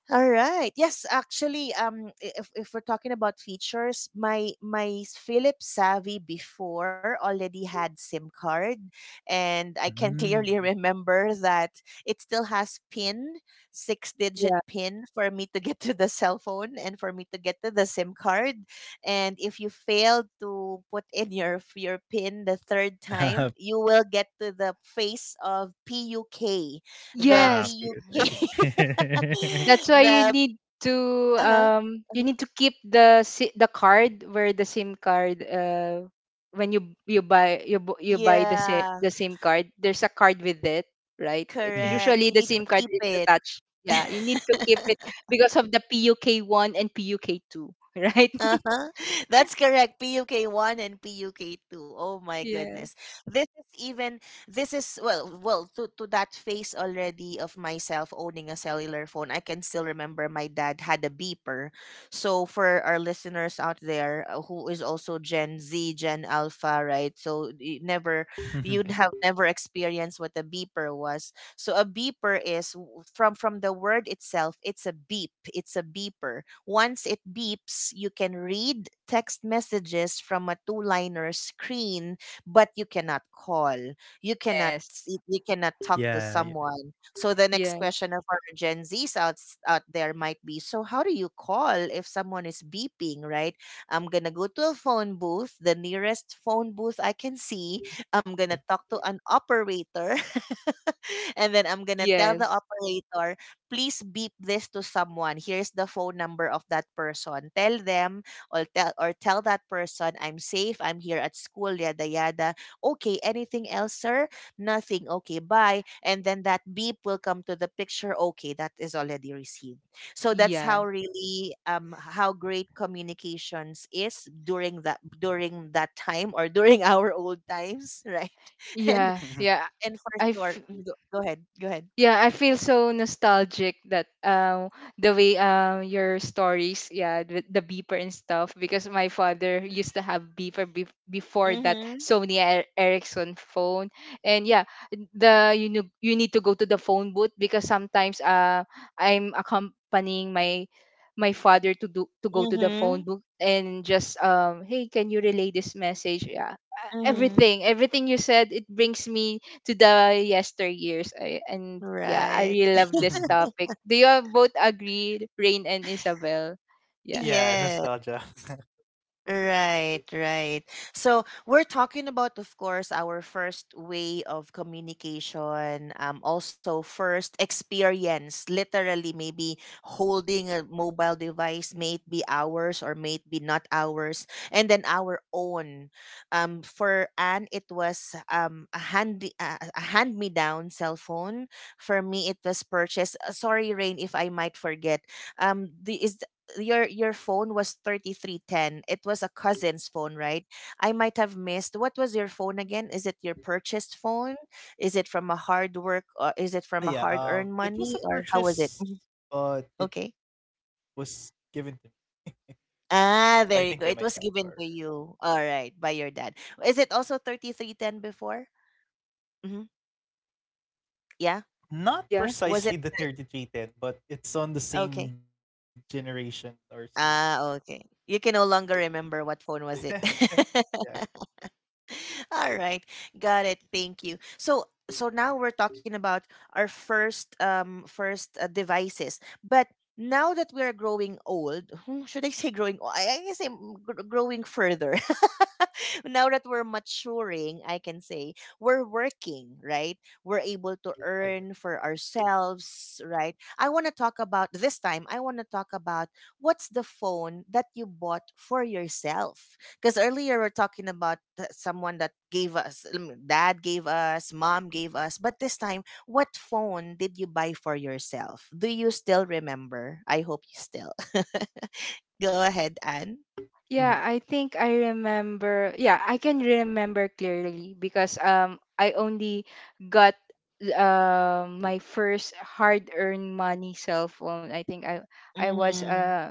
S1: All right. Yes, actually, um, i- if, if we're talking about features, my my s- Philips Savvy before already had SIM card, and I can
S3: mhm,
S1: clearly
S3: mhm.
S1: remember that it still has PIN, six digit
S2: Yeah.
S1: PIN for me to get to the cell phone and for me to get to the SIM card. And if you fail to put in your f- your PIN the third time, you will get to the face of P U K,
S3: Ah, ah,
S1: the
S2: Yes.
S3: feel free.
S1: P U K.
S2: That's why you
S1: the
S2: need to,
S1: Uh-huh.
S2: um you
S1: Uh-huh.
S2: need to keep the si- the card where the SIM card, uh when you you buy, you bu- you buy the si-
S1: Yeah,
S2: the SIM card, there's a card with it, right? It,
S3: Mhm,
S1: correct.
S2: usually
S1: You
S3: yeah.
S2: the
S1: need to
S2: SIM card
S1: keep
S2: is
S1: it.
S2: attached, yeah, you need to keep it, because of the P U K one and P U K two right,
S1: Uh-huh. That's correct. P U K one and P U K two. Oh my
S2: yeah.
S1: goodness. This is even this is, well well, to to that phase already of myself owning a cellular phone. I can still remember my dad had a beeper. So, for our listeners out there, uh, who is also Gen Z, Gen Alpha, right? So you never you'd have never experienced what a beeper was. So a beeper is, w- from from the word itself, it's a beep, it's a beeper. Once it beeps, you can read text messages from a two-liner screen, but you cannot call. You cannot
S2: Yes,
S1: s- you cannot talk
S3: Yeah,
S1: to
S3: yeah,
S1: someone. So the next
S2: yes,
S1: question of our Gen Zs out out there might be, so how do you call if someone is beeping, right? I'm gonna go to a phone booth, the nearest phone booth I can see.
S3: yeah.
S1: I'm gonna talk to an operator. And then I'm gonna tell the
S2: yes.
S1: operator, please beep this to someone. Here's the phone number of that person. Tell them. Or tell or tell that person, I'm safe, I'm here at school, yada yada. Okay, anything else, sir? Nothing. Okay, bye. And then that beep will come to the picture. Okay, that is already received. So that's
S2: Yeah,
S1: how really, um how great communications is during that, during that time, or during our old times, right? And
S2: yeah, yeah.
S1: and for sure.
S2: I've
S1: mm, go go ahead, go ahead.
S2: Yeah, I feel so nostalgic, that um the way, um your stories, yeah, the, the beeper and stuff, because my father used to have beeper be- before that
S1: Mhm,
S2: Sony Er- Ericsson phone. And yeah, the you know, you need to go to the phone booth, because sometimes uh I'm accompanying my my father to do to go to the
S1: mhm,
S2: phone booth, and just um hey, can you relay this message? Yeah. Uh,
S1: mhm.
S2: Everything, everything you said, it brings me to the yester years. I, and yeah, I
S1: Right.
S2: really love this topic. Do you all both agree, Rain and Isabel?
S3: Yeah,
S2: Yeah.
S3: nostalgia.
S1: Yes. Right, right. So we're talking about, of course, our first way of communication. Um, also, first experience, literally maybe holding a mobile device, may it be ours or may it be not ours, and then our own. Um, for Anne, it was um a hand a a hand-me-down cell phone. For me, it was purchased. uh, Sorry, Rain, if I might forget. Um, the, is your your phone was thirty-three ten, it was a cousin's phone, right? I might have missed. What was your phone again? Is it your purchased phone? Is it from a hard work, or is it
S3: Ah,
S1: from a
S3: yeah,
S1: hard
S3: um,
S1: earned
S3: it was a
S1: money, or how was it?
S3: purchase,
S1: Mhm.
S3: but it
S1: Okay.
S3: was given to me, I think by
S1: Ah,
S3: my
S1: there
S3: dad
S1: you go. It
S3: or
S1: was given to you, all right, by your dad. Is it also thirty-three ten before? Hmm. Yeah.
S3: Not
S2: Yeah.
S1: was it
S3: precisely the
S1: thir-
S3: thirty three ten, but it's on the
S1: okay.
S3: same generation or series.
S1: Ah, okay. You can no longer remember what phone
S3: yeah.
S1: was it. All right. Got it. Thank you. So so now we're
S3: Mhm.
S1: talking about our first, um first uh, devices. But now that we are growing old, hmm, should I say growing old? I, I guess I'm gr- growing further. Now that we're maturing, I can say we're working, right? We're able to
S3: Ah, yeah.
S1: earn for ourselves, right? I want to talk about this time. I want to talk about what's the phone that you bought for yourself, because earlier we're talking about th- someone that gave us, I mean, dad gave us, mom gave us, but this time, what phone did you buy for yourself? Do you still remember? I hope you still. Go ahead,
S3: Mhm.
S1: Anne.
S2: Yeah, I think I remember. Yeah, I can remember clearly, because um I only got uh, my first hard-earned money cell phone. I think I I was
S1: Mm.
S2: uh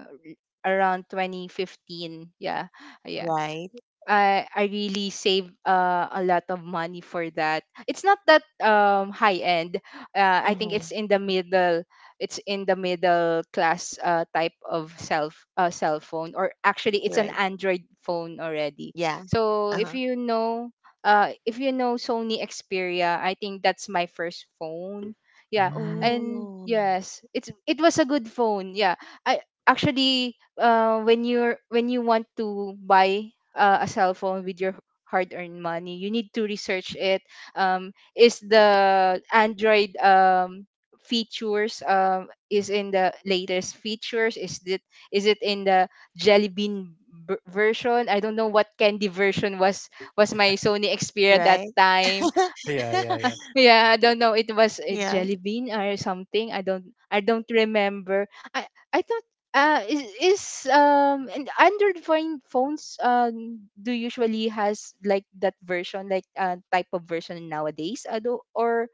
S2: around twenty fifteen. Yeah. Yeah.
S1: Right.
S2: I I really save uh, a lot of money for that. It's not that um high end. Uh, I think
S1: Mm-hmm.
S2: it's in the middle. It's in the middle class uh, type of self uh, cell phone, or actually, it's an
S1: Right.
S2: Android phone already.
S1: Yeah.
S2: So if
S1: Uh-huh.
S2: you know, uh, if you know Sony Xperia, I think that's my first phone. Yeah,
S3: Mm.
S2: and
S1: Oh,
S2: yes, it's it was a good phone. Yeah, I actually, uh when you're when you want to buy uh, a cell phone with your hard-earned money. You need to research it. Um, is the Android um, features, um, is in the latest features? Is it is it in the Jelly Bean b- version? I don't know what candy version was was my
S1: right.
S2: Sony Xperia that time.
S3: Yeah, yeah, yeah.
S2: Yeah, I don't know.
S1: Yeah,
S2: It was a jelly bean or something. I don't I don't remember. I I thought uh is, is um and Android phone phones um do usually has like that version, like uh type of version nowadays. I do, or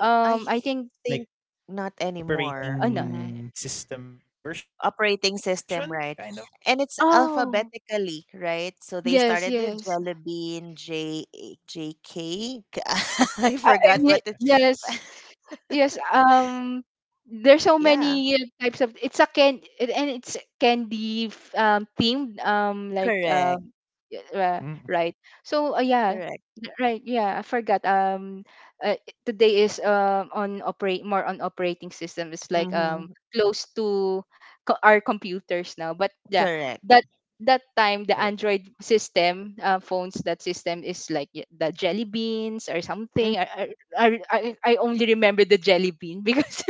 S2: um
S1: I
S2: I think
S3: Like
S1: think not anymore.
S2: uh, no.
S1: Mm-hmm.
S3: operating system version, kind
S1: Operating
S3: of.
S1: system, right? And it's
S2: Oh,
S1: alphabetically, right? So they
S2: yes,
S1: started with
S2: yes.
S1: Jelly Bean, J, J, K. I
S2: Uh,
S1: forgot
S2: y-
S1: what it.
S2: yes. Yes, um there's so
S1: Yeah,
S2: many uh, types of, it's a can it- and it's candy f- um themed, um like,
S1: correct,
S2: um y-
S3: mm.
S2: uh, right. So uh, yeah,
S1: correct.
S2: y- right, yeah, I forgot. Um uh, i- today is um on operate more on operating system. It's like, um
S1: Mm-hmm,
S2: close to, co- our computers now. But yeah,
S1: correct.
S2: that
S3: Ah, yes.
S2: that time the Android system, uh, phones, that system is like, y- the jelly beans or
S1: Mm.
S2: something. I, I I only remember the jelly bean, because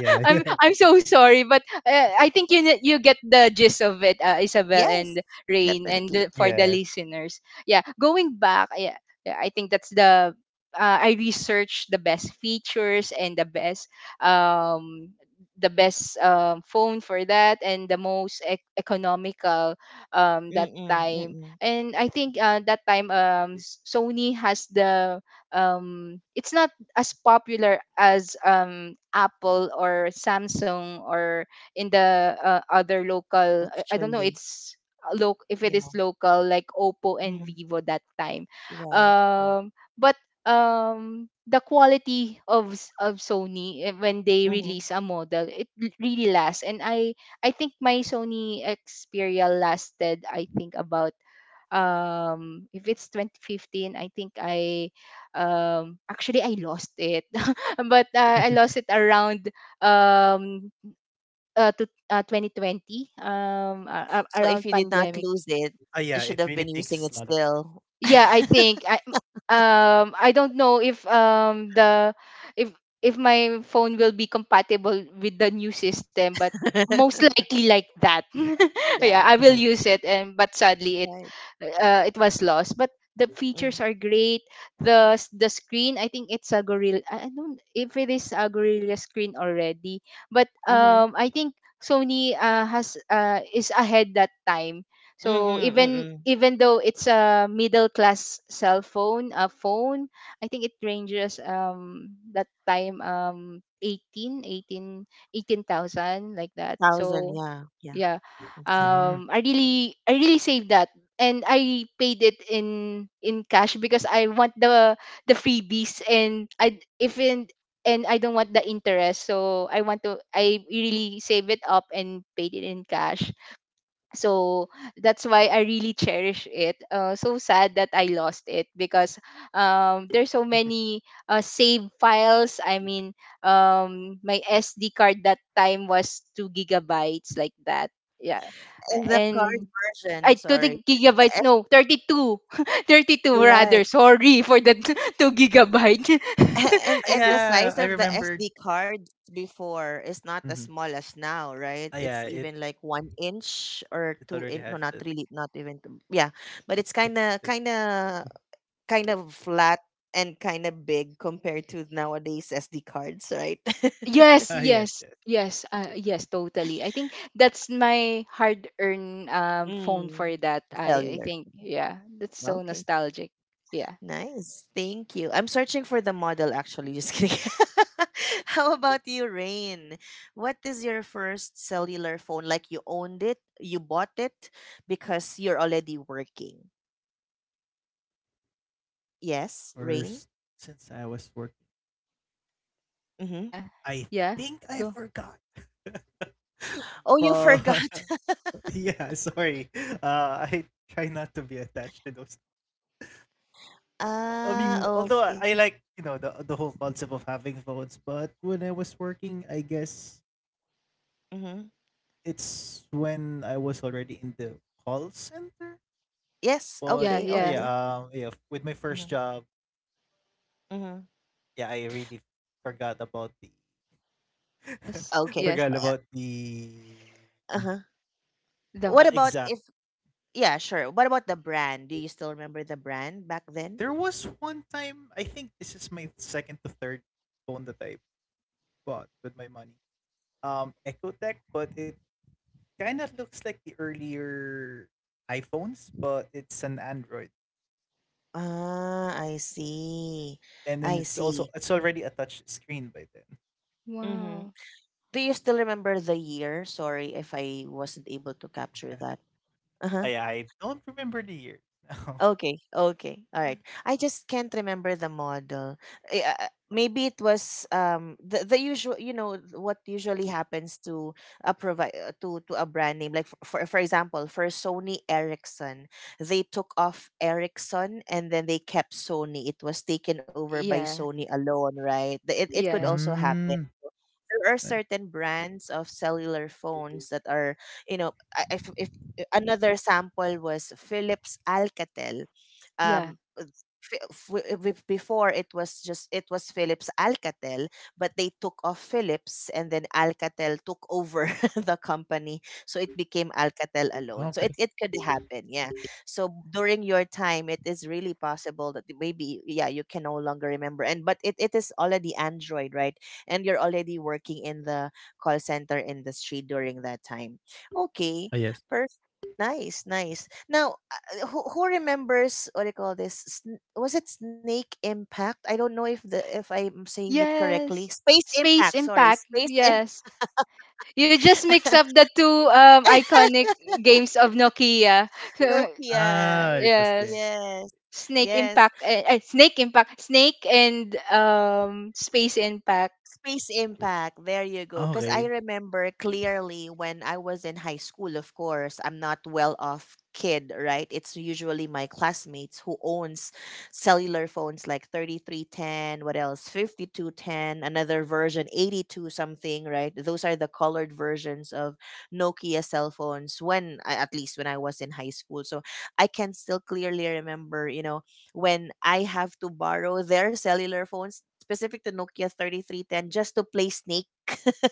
S3: Ah, yeah,
S2: I'm
S3: yeah.
S2: I'm so sorry, but uh, I think you ne- you get the gist of it, uh, Isabel
S1: Yes,
S2: and Rain, and
S1: definitely.
S2: the, for the
S3: Yes.
S2: listeners, yeah. Going back, yeah, yeah, I think that's the uh, I researched the best features, and the best um the best um, phone for that, and the most ec- economical um that
S1: Mm-mm,
S2: time.
S1: mm-mm.
S2: And I think uh, that time, um S- Sony has the um it's not as popular as um Apple or Samsung, or in the uh, other local, i I don't know,
S1: Actually,
S2: it's, loc if it is
S1: yeah.
S2: local, like Oppo and
S1: Mm-hmm.
S2: Vivo that time.
S1: Right, right.
S2: Um but um the quality of s- of Sony, eh, when they
S1: Mm-hmm.
S2: release a model, it l- really lasts. And i i think my Sony Xperia lasted, I think about, um if it's twenty fifteen, I think I um actually I lost it. But uh, I lost it around, um uh, to uh, two thousand twenty, um a-
S1: So
S2: a-
S1: if you
S2: around
S1: did not lose
S2: pandemic.
S3: Ah, yeah,
S1: it,
S3: it really
S1: you should have
S3: takes a
S1: been
S3: lot of
S1: using it
S3: years.
S1: still.
S2: Yeah, I think I um I don't know if, um the if if my phone will be compatible with the new system, but most likely like that. Yeah,
S1: Yeah,
S2: I will use it, and but sadly, it
S1: right.
S2: uh, it was lost. But the features
S1: Mm-hmm.
S2: are great. The s- the screen, I think it's a gorilla, i I don't if it is a gorilla screen already. But um I think Sony, uh, has uh, is ahead that time. So even
S1: Mm-hmm.
S2: even though it's a middle class cell phone, a phone, I think it ranges, um that time, um eighteen eighteen eighteen thousand, like that.
S1: thousand,
S2: So
S1: yeah, yeah.
S2: yeah.
S1: Okay.
S3: mm.
S2: Um I really I really saved that, and I paid it in in cash, because I want the the freebies, and I if in and I don't want the interest. So I want to I really save it up and paid it in cash. So that's why I really cherish it, uh, so sad that I lost it, because um, there's so many uh, save files, I mean, um, my SD card that time was two gigabytes, like that. Yeah.
S1: And
S2: A-
S1: the card
S2: and
S1: version,
S2: I, to the
S1: sorry.
S2: gigabytes,
S1: The
S2: no, thirty-two,
S1: S D,
S2: thirty-two rather,
S1: right.
S2: sorry for the two gigabyte.
S1: And
S3: Ah,
S1: and the size
S3: yeah,
S1: of the
S3: I
S1: S D
S3: remembered.
S1: cards before is not as small
S3: Mhm.
S1: as now, right? It's
S3: Ah, yeah,
S1: even like
S3: it,
S1: one inch or two
S3: it
S1: in, no,
S3: already
S1: not
S3: has
S1: really,
S3: that
S1: not even two- yeah. But it's kinda
S3: extended.
S1: kinda kind of kind of flat and kinda big compared to nowadays S D cards, right?
S2: Yes,
S3: Ah,
S2: yes,
S3: yes, yes.
S2: yes, uh, yes, totally. I think that's my hard-earned um phone for
S1: Mm.
S2: that. I, I
S1: Cellular.
S2: think, yeah, that's so
S1: Okay.
S2: nostalgic. Yeah,
S1: Nice. Thank you. I'm searching for the model, actually. Just kidding. How about you, Rain? What is your first cellular phone? Like you owned it, you bought it because you're already working. Yes, Rain?
S3: First, since I was working.
S1: Mm-hmm.
S2: yeah,
S3: I
S2: yeah.
S3: think
S2: Go.
S3: I forgot.
S1: Oh, you
S3: but
S1: forgot.
S3: yeah, sorry. Uh, I try not to be attached to those. I
S1: Ah,
S3: mean, although I
S1: okay.
S3: I like you know the the whole concept of having phones, but when I was working, I guess
S1: Mm-hmm.
S3: it's when I was already in the call center.
S1: Yes,
S3: But
S2: Yeah,
S1: okay,
S3: uh,
S2: yeah.
S1: okay.
S3: yeah, um, yeah, with my first
S1: Mm-hmm.
S3: job,
S1: Mm-hmm.
S3: yeah, I really forgot about the
S2: Yes,
S1: Okay.
S2: yes.
S3: forgot about the
S1: Uh-huh.
S2: The
S3: uh,
S1: What about
S3: exact
S1: if, Yeah, sure. What about the brand? Do you still remember the brand back then?
S3: There was one time, I think this is my second to third phone that I bought with my money. Um, Ecotech, but it kind of looks like the earlier iPhones, but it's an Android,
S1: Ah, I see.
S3: and then
S1: I
S3: it's
S1: see.
S3: also it's already a touch screen by then.
S1: Mm-hmm.
S2: Wow.
S1: Do you still remember the year? Sorry if I wasn't able to capture that. Uh huh.
S3: I I don't remember the years now.
S1: Okay. Okay. All right. I just can't remember the model. Eh, Uh, uh, maybe it was um the, the usual. You know what usually happens to a provi- uh, to to a brand name. Like, for for for example, for Sony Ericsson, they took off Ericsson and then they kept Sony. It was taken over by
S2: Yeah,
S1: Sony alone, right? The- It it could
S2: yeah,
S1: also happen.
S3: Mm,
S1: There are
S3: nice.
S1: certain brands of cellular phones that are, you know, I- if, if eh, another sample was Philips Alcatel.
S2: yeah.
S1: Um, f- f- w- before, it was just it was Philips Alcatel, but they took off Philips and then Alcatel took over the company, so it became Alcatel alone. So it
S3: Okay.
S1: it could happen, yeah. So during your time, it is really possible that maybe yeah you can no longer remember, and but it, it is already Android, right? And you're already working in the call center industry during that time.
S3: Ah,
S1: Okay,
S3: yes.
S1: perfect. Nice, nice. Now, uh, who, who remembers what do you call this? Sn- Was it Snake Impact? I don't know if the if I'm saying it correctly.
S2: Yes.
S1: Space Impact.
S2: Space
S1: Sorry,
S2: Impact.
S1: Space
S2: Yes. You just mix up
S1: Impact.
S2: the two um iconic games of Nokia.
S3: Ah,
S1: Nokia.
S3: it was game.
S2: Yes.
S1: Yes.
S2: Snake
S1: Yes.
S2: Impact, eh, eh, Snake Impact Snake, and um Space Impact.
S1: Space impact. There you go. Because I
S3: Okay.
S1: remember clearly when I was in high school, of course, I'm not well off kid, right? It's usually my classmates who owns cellular phones like thirty three ten, what else? fifty two ten, another version, eighty two something, right? Those are the colored versions of Nokia cell phones when, I- at least when I was in high school. So I can still clearly remember, you know, when I have to borrow their cellular phones, specific to Nokia thirty three ten just to play Snake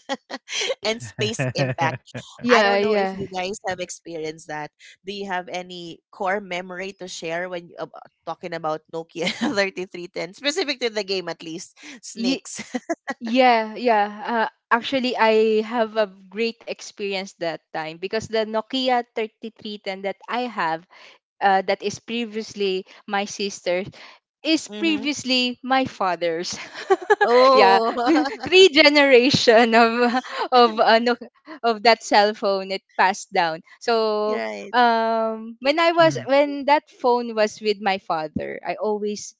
S1: and Space Impact. I
S2: Yeah,
S1: don't know if
S2: yeah.
S1: you guys have experienced that. Do you have any core memory to share when you, ab- talking about Nokia thirty three ten specific to the game at least,
S2: Ye-
S1: Snakes?
S2: yeah, yeah. Uh, actually I have a great experience that time, because the Nokia thirty-three ten that I have, uh, that is previously my sister's, is
S1: Mhm.
S2: previously my father's. Yeah,
S1: Oh.
S2: three generation of of ano of that cell phone, it passed down. So
S1: Right.
S2: um when I was
S3: Mhm.
S2: when that phone was with my father, I always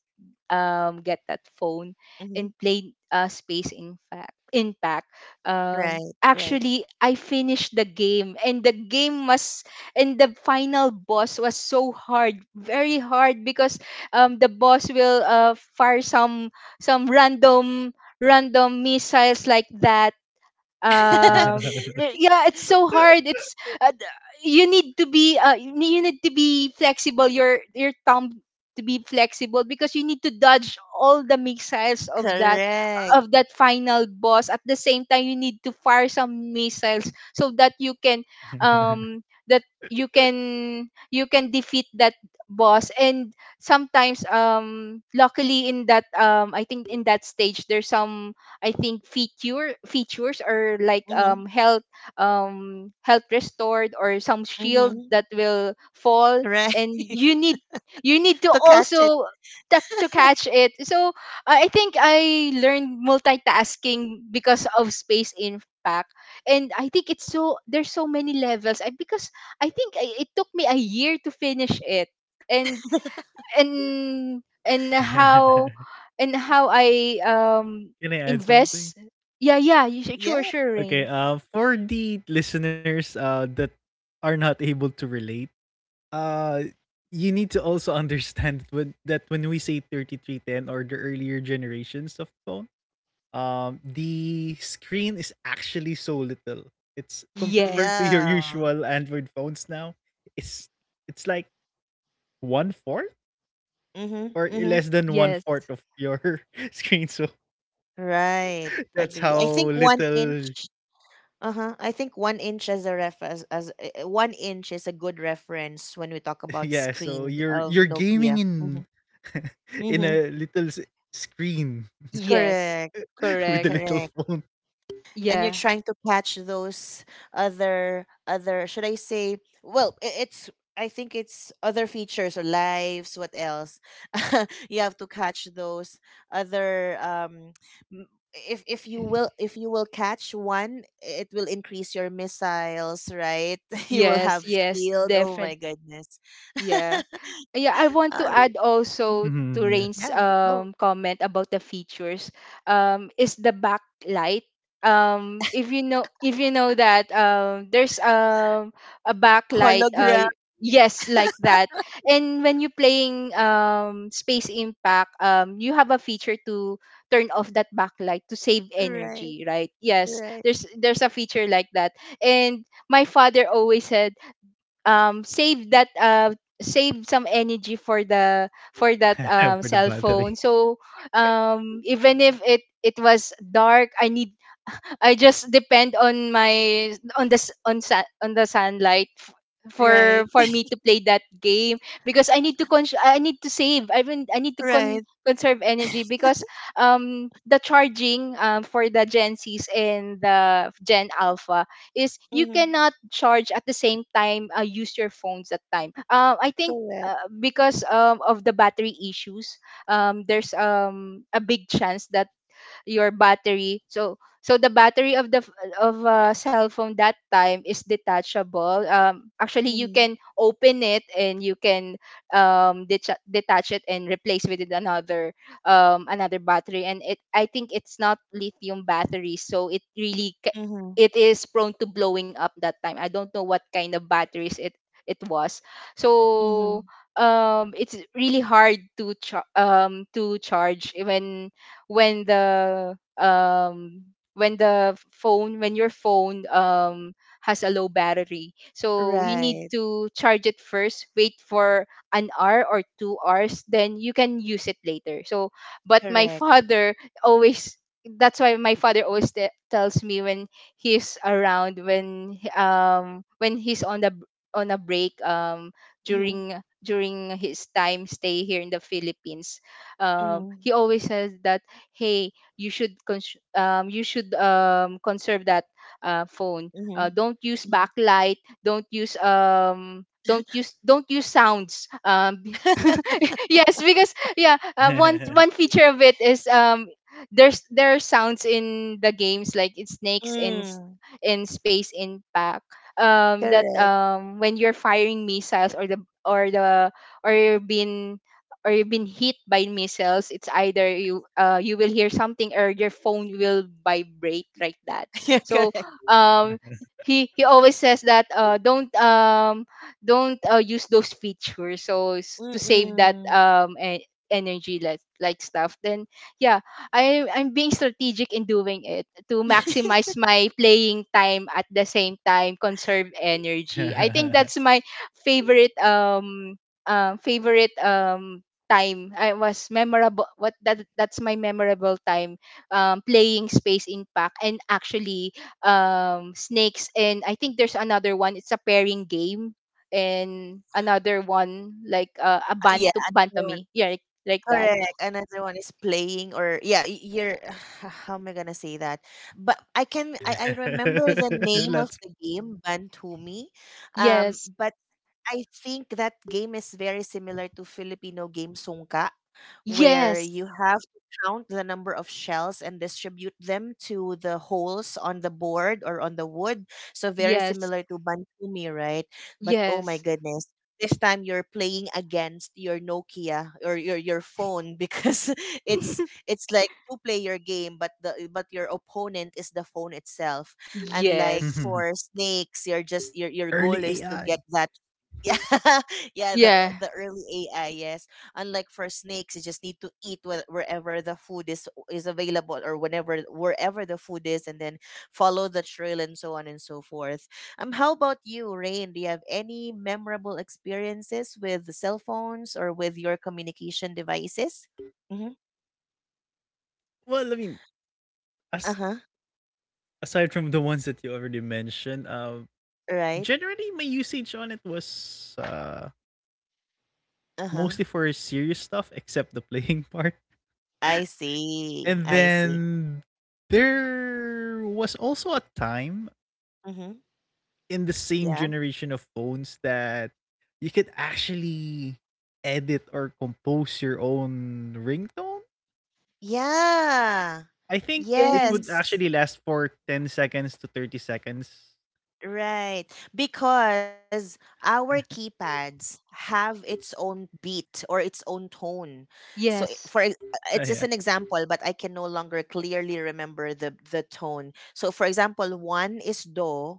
S2: um get that phone
S1: Mhm.
S2: and play, uh space in fact impact.
S1: Right.
S2: Um
S1: Right.
S2: actually I finished the game, and the game was — and the final boss was so hard, very hard, because um the boss will uh fire some some random random missiles like that. um y- yeah, it's so hard, it's uh, d- you need to be, uh, you need you need to be flexible, your your tongue, to be flexible, because you need to dodge all the missiles of that
S1: Correct.
S2: of that final boss. At the same time, you need to fire some missiles so that you can, um that you can you can defeat that boss. And sometimes um luckily in that, um I think in that stage there's some, I think, feature features, or like,
S1: Mhm.
S2: um health, um health restored, or some shield
S1: Mhm.
S2: that will fall,
S1: Right.
S2: and you need you need to
S1: To catch it.
S2: also ta- to catch it. So I I think I learned multitasking because of space impact. And I think it's so, there's so many levels, I, because I think, I, it took me a year to finish it, and and and how,
S3: Can
S2: and how I um
S3: I add something?
S2: invest. Yeah, yeah, you should, sure,
S1: Yeah.
S2: sure,
S3: Okay,
S2: Rain.
S3: uh, for the listeners uh, that are not able to relate, uh, you need to also understand when, that when we say thirty three ten or the earlier generations of phone, um, the screen is actually so little. It's compared
S2: Yes,
S3: to your
S1: Yeah.
S3: usual Android phones now. It's it's like one fourth
S1: Mhm.
S3: or
S1: Mhm.
S3: less than one
S2: yes,
S3: fourth of your screen. So
S1: Right.
S3: that's
S1: Agree. I
S3: how
S1: think one inch.
S3: little
S1: Uh huh. I think one inch as a ref as, as uh, one inch is a good reference when we talk about
S3: yeah, so
S1: screen
S3: you're
S1: of
S3: you're gaming
S1: Nokia.
S3: in
S1: Mm-hmm.
S3: in
S1: Mm-hmm.
S3: a little s- screen
S2: yes,
S1: Correct.
S3: with a
S2: correct.
S3: little
S1: Correct.
S3: phone.
S1: And you're
S2: Yeah,
S1: trying to catch those other other should I say, well i- it's, I think it's other features or lives, what else, you have to catch those other, um m- if if you will if you will catch one, it will increase your missiles, right? You will
S2: yes,
S1: have
S2: yes,
S1: shield, oh my
S2: definitely.
S1: goodness.
S2: Yeah. Yeah, I want to
S1: uh,
S2: add
S1: mm,
S2: also to
S3: Mhm, yes.
S2: Rain's
S1: yeah. Oh.
S2: um comment about the features. Um, is the backlight. Um, if you know, if you know that um, there's um a backlight.
S1: Hologram.
S2: Uh, yes, like that. And when you're playing um Space Impact, um, you have a feature to turn off that backlight to save
S1: Right.
S2: energy, right? Yes,
S1: Right.
S2: there's there's a feature like that. And my father always said um save that uh save some energy for the for that um
S3: For the
S2: cell phone.
S3: battery.
S2: So um even if it it was dark, i need I just depend on my on the on sun on the sunlight f- for
S1: Right.
S2: for me to play that game, because I need to con- I need to save. I mean, I need to
S1: Right.
S2: con- conserve energy, because um the charging um for the Gen C's and the Gen Alpha is you
S1: Hmm.
S2: cannot charge at the same time uh, use your phones that time. Um I think
S1: Correct.
S2: uh, because um, of the battery issues, um, there's um, a big chance that your battery so so the battery of the f- of a cell phone that time is detachable. Um actually you
S1: Hmm.
S2: can open it and you can um detach, detach it and replace with it another um another battery. And it I think it's not lithium battery, so it really ca-
S1: Hmm.
S2: it is prone to blowing up that time. I don't know what kind of batteries it it was.
S1: Mm-hmm.
S2: So um it's really hard to char- um to charge when when the um when the phone when your phone um has a low battery, so you need
S1: Right.
S2: to charge it first, wait for an hour or two hours, then you can use it later. So but my
S1: Correct.
S2: father always, that's why my father always te- tells me when he's around, when he- um when he's on the b- on a break, um
S1: Mm-hmm.
S2: during during his time stay here in the Philippines, um
S1: Mm-hmm.
S2: he always says that, "Hey, you should cons- um, you should um, conserve that uh, phone. Uh,
S1: Mm-hmm.
S2: don't use backlight, don't use um don't use don't use sounds um Yes, because yeah, uh, one one feature of it is um there's, there are sounds in the games, like in Snakes and s-
S1: Mm.
S2: in Space Impact, um that
S1: Correct.
S2: um when you're firing missiles, or the or the or you're being, or you've been hit by missiles, it's either you uh, you will hear something or your phone will vibrate like that.
S1: Yeah,
S2: So
S1: correct.
S2: um, he he always says that, uh, don't um, don't uh, use those features so s- to save that
S1: Mm-mm.
S2: um, e- energy, like, like stuff. Then yeah, I I'm being strategic in doing it to maximize my playing time at the same time conserve energy. I think that's my favorite um um favorite um time I was memorable, what that that's my memorable time um playing Space Impact, and actually um Snakes, and I think there's another one, it's a pairing game, and another one like uh, a
S1: Yeah,
S2: bantam
S1: another one.
S2: bantami, yeah, like, like that.
S1: Correct. Another one is playing or yeah, y- you're how am I gonna say that? But I can I, I remember the name of
S3: That's
S1: the game, Bantumi. Um,
S2: Yes.
S1: but I think that game is very similar to Filipino game Sungka, where
S2: Yes.
S1: you have to count the number of shells and distribute them to the holes on the board or on the wood. So very
S2: Yes.
S1: similar to Bantumi, right? But oh my
S2: Yes.
S1: goodness. This time you're playing against your Nokia or your your phone because it's it's like two player game, but the but your opponent is the phone itself. Unlike
S2: Yes.
S1: for snakes, you're just your your goal is
S3: early
S1: to get
S3: A I.
S1: that. Yeah, yeah, the
S2: Yeah.
S1: the early A I, yes. Unlike for snakes, you just need to eat whe- wherever the food is is available, or whenever wherever the food is, and then follow the trail and so on and so forth. Um, how about you, Rain? Do you have any memorable experiences with the cell phones or with your communication devices? Mm-hmm.
S3: Well, I mean,
S1: Uh
S3: as
S1: huh.
S3: aside from the ones that you already mentioned, uh,
S1: Right.
S3: generally my usage on it was uh,
S1: Uh huh.
S3: mostly for serious stuff, except the playing part.
S1: I see.
S3: And
S1: I see.
S3: then there was also a time
S1: Mm-hmm.
S3: in the same
S1: Yeah.
S3: generation of phones that you could actually edit or compose your own ringtone.
S1: Yeah.
S3: I think it
S2: Yes.
S3: would
S1: Yes.
S3: actually last for ten seconds to thirty seconds.
S1: Right. Because our keypads have its own beat or its own tone. So i- for
S2: Yes.
S1: ex- it's
S3: Ah,
S1: just
S3: yeah.
S1: an example, but I can no longer clearly remember the the tone. So for example, one is do,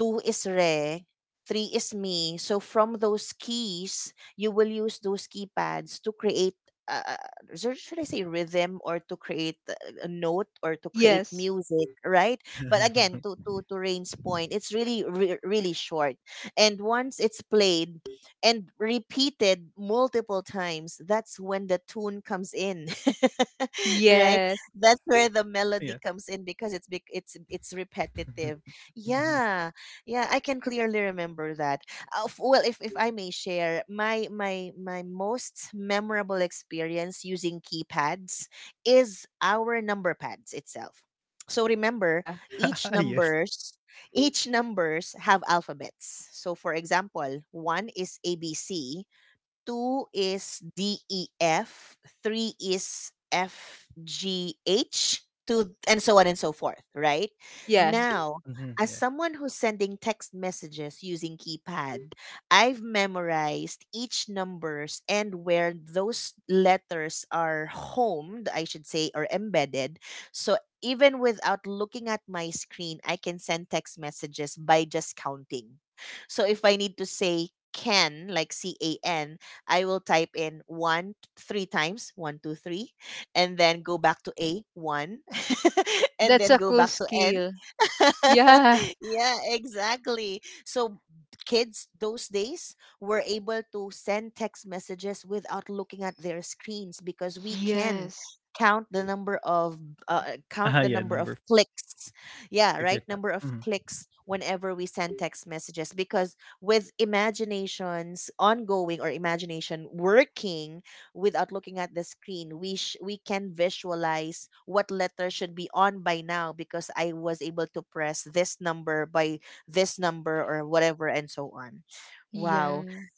S1: two is Re, three is Me. So from those keys, you will use those keypads to create, uh, uh, should should I say rhythm, or to create a a note, or to create
S2: Yes.
S1: music, right? But again, to to to Rain's point, it's really re- really short, and once it's played and repeated multiple times, that's when the tune comes in, right?
S2: Yes.
S1: That's where the melody
S3: yeah.
S1: comes in because it's bec- it's it's repetitive. Yeah, yeah, I can clearly remember that. Uh, f- well, if, if I may share, my my my most memorable experience using keypads is our number pads itself. So remember,
S2: Yeah.
S1: each
S3: yes.
S1: numbers each numbers have alphabets. So for example, one is A B C, two is D E F, three is F G H, to and so on and so forth, right?
S2: Yeah,
S1: Now,
S3: Mhm,
S1: as
S3: yeah.
S1: someone who's sending text messages using keypad, I've memorized each numbers and where those letters are homed, I should say, or embedded. So even without looking at my screen, I can send text messages by just counting. So if I need to say can, like C A N, I will type in one three times, one, two, three, and then go back to A, one, and
S2: that's
S1: then
S2: a
S1: go
S2: cool
S1: back to N.
S2: skill. Yeah.
S1: Yeah, exactly. So kids those days were able to send text messages without looking at their screens because we can
S2: Yes.
S1: count the number of, uh, count the
S3: Ah, yeah,
S1: number of
S3: number f-
S1: clicks. Yeah, right,
S3: figured out.
S1: number of
S3: Mhm.
S1: clicks whenever we send text messages because with imaginations ongoing or imagination working without looking at the screen. We sh- we can visualize what letter should be on by now because I was able to press this number by this number or whatever and so on. Wow.
S2: Yeah.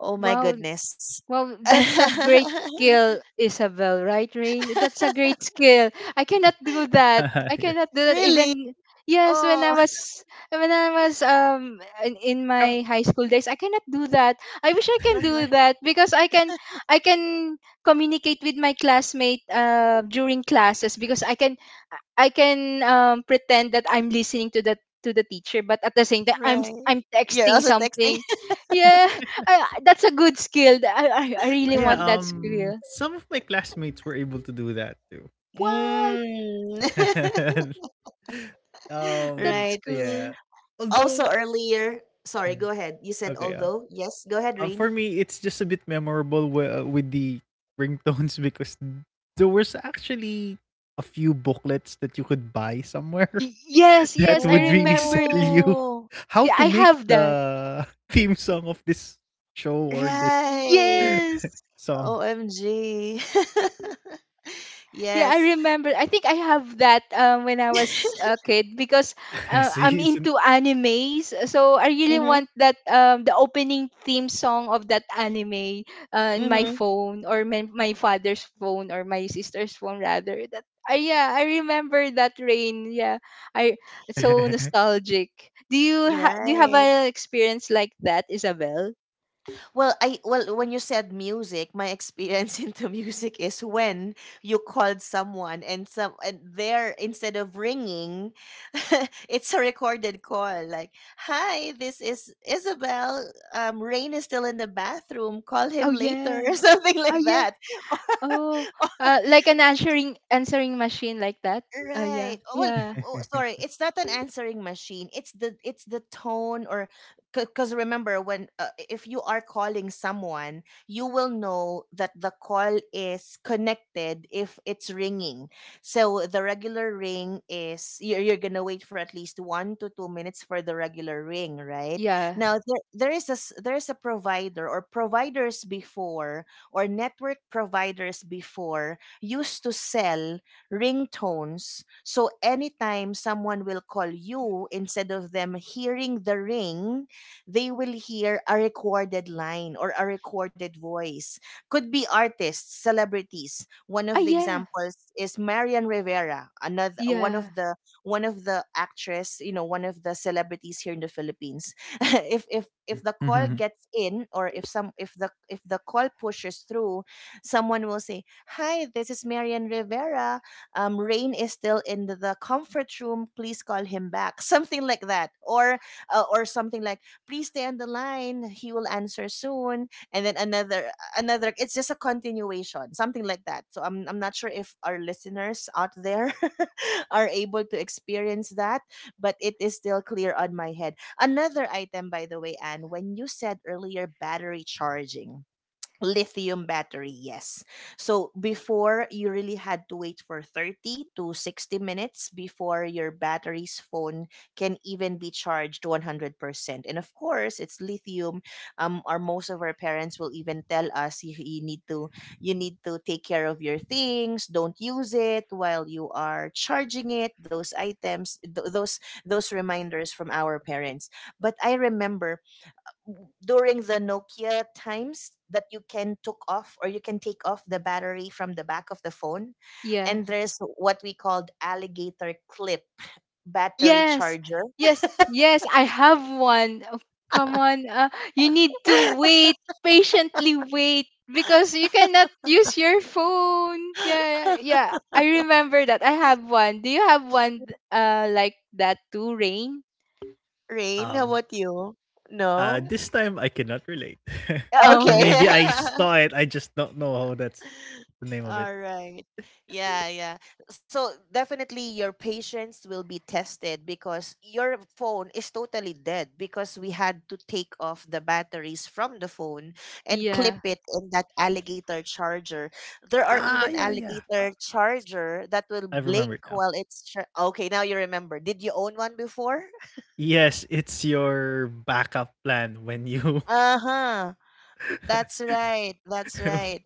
S1: Oh my
S2: Wow.
S1: goodness.
S2: Well, that's a great skill, Isabel, right, Rain? That's a great skill. I cannot do that. I cannot
S3: yes.
S2: do that
S1: Really?
S2: even, yes,
S1: Oh,
S2: when I was, when I was um in, in
S3: Oh,
S2: my high school days, I cannot do that. I wish I can do
S1: uh-huh.
S2: that because I can I can communicate with my classmate uh during classes because I can, I can um pretend that I'm listening to the to the teacher, but at the same time I'm
S1: Right.
S2: I'm
S1: You're
S2: texting
S1: also texting.
S2: something. Yeah. I, that's a good skill. I, I, I really
S3: yeah,
S2: want that
S3: um
S2: skill.
S3: some of my classmates were able to do that too.
S2: What?
S1: Mm.
S3: Um,
S2: That's
S1: Right.
S2: cool.
S3: yeah. Although,
S1: Also earlier, sorry, go
S3: Mhm.
S1: ahead. You said
S3: okay, yeah.
S1: although. Yes, go ahead,
S3: Uh,
S1: Rain.
S3: for me, it's just a bit memorable wi- uh, with the ringtones because there was actually a few booklets that you could buy somewhere
S2: Y- yes,
S3: that
S2: yes, I
S3: would really
S2: remember
S3: sell
S2: that.
S3: you
S1: Oh.
S3: how
S2: Yeah,
S3: to
S2: I
S3: make
S2: have that.
S3: the theme song of this show or this
S1: Right.
S2: Yes.
S3: song.
S1: O M G.
S2: Yeah, I
S1: Yes.
S2: remember. I think I have that um, when I was a kid, because uh,
S3: See,
S2: I'm
S3: it's an-
S2: into animes. So I really
S1: Mhm.
S2: want that um, the opening theme song of that anime uh, in my
S1: Mhm.
S2: phone, or my, my father's phone, or my sister's phone rather. That uh, yeah, I remember that, Rain. Yeah, I it's so nostalgic. Do you ha- do you have
S1: Right.
S2: an experience like that, Isabel?
S1: Well, I well when you said music, my experience into music is when you called someone and some and there instead of ringing, it's a recorded call like, "Hi, this is Isabel. Um, Rain is still in the bathroom. Call
S2: Oh
S1: him later," or
S2: yeah.
S1: something like
S2: Oh.
S1: that.
S2: Oh, uh, like an answering, answering machine like that. Uh, yeah,
S1: Right. Oh, well,
S2: yeah,
S1: oh, sorry, it's not an answering machine. It's the it's the tone, or because remember when, uh, if you are calling someone, you will know that the call is connected if it's ringing. So
S2: yeah,
S1: the regular ring is you're, you're gonna wait for at least one to two minutes for the regular ring, right?
S2: yeah.
S1: Now there there is a s- there is a provider or providers before, or network providers before used to sell ringtones. So anytime someone will call you, instead of them hearing the ring, they will hear a recorded line or a recorded voice. Could be artists, celebrities. One
S2: Ah,
S1: of the
S2: yeah,
S1: examples is Marian Rivera, another one
S2: yeah,
S1: of the one of the actress, you know, one of the celebrities here in the Philippines. if if if the call
S3: Mhm.
S1: gets in, or if some if the if the call pushes through, someone will say, "Hi, this is Marian Rivera, um, Rain is still in the comfort room. Please call him back." Something like that, or uh, or something like, please stay on the line. He will answer soon. And then another another. It's just a continuation, something like that. So I'm I'm not sure if our listeners out there are able to experience that, but it is still clear on my head. Another item, by the way, Anne, when you said earlier battery charging, lithium battery, yes, so before you really had to wait for thirty to sixty minutes before your battery's phone can even be charged one hundred percent, and of course it's lithium. Um or most of our parents will even tell us you, you need to, you need to take care of your things, don't use it while you are charging it. Those items, th- those those reminders from our parents. But I remember during the Nokia times that you can took off, or you can take off the battery from the back of the phone.
S2: yeah.
S1: And there's what we called alligator clip battery
S2: Yes,
S1: charger.
S2: yes, yes. I have one. Oh, come on, uh, you need to wait patiently. Wait, because you cannot use your phone. Yeah, yeah. I remember that. I have one. Do you have one? Uh, like that too, Rain?
S1: Rain, how
S3: um,
S1: about you?
S3: Uh,
S1: No?
S3: this time I cannot relate. Or
S2: Oh,
S1: Okay.
S3: maybe I saw it, I just don't know how that's the name of it.
S1: All right. Yeah, yeah. So definitely your patience will be tested because your phone is totally dead because we had to take off the batteries from the phone and clip
S2: yeah,
S1: it in that alligator charger. There are
S3: Ah,
S1: even
S3: yeah, yeah.
S1: alligator
S3: Ah,
S1: charger that will
S3: I remember it
S1: blink
S3: now.
S1: while it's char- Okay, now you remember. Did you own one before?
S3: Yes, it's your backup plan when you
S1: Uh-huh. That's right. That's right.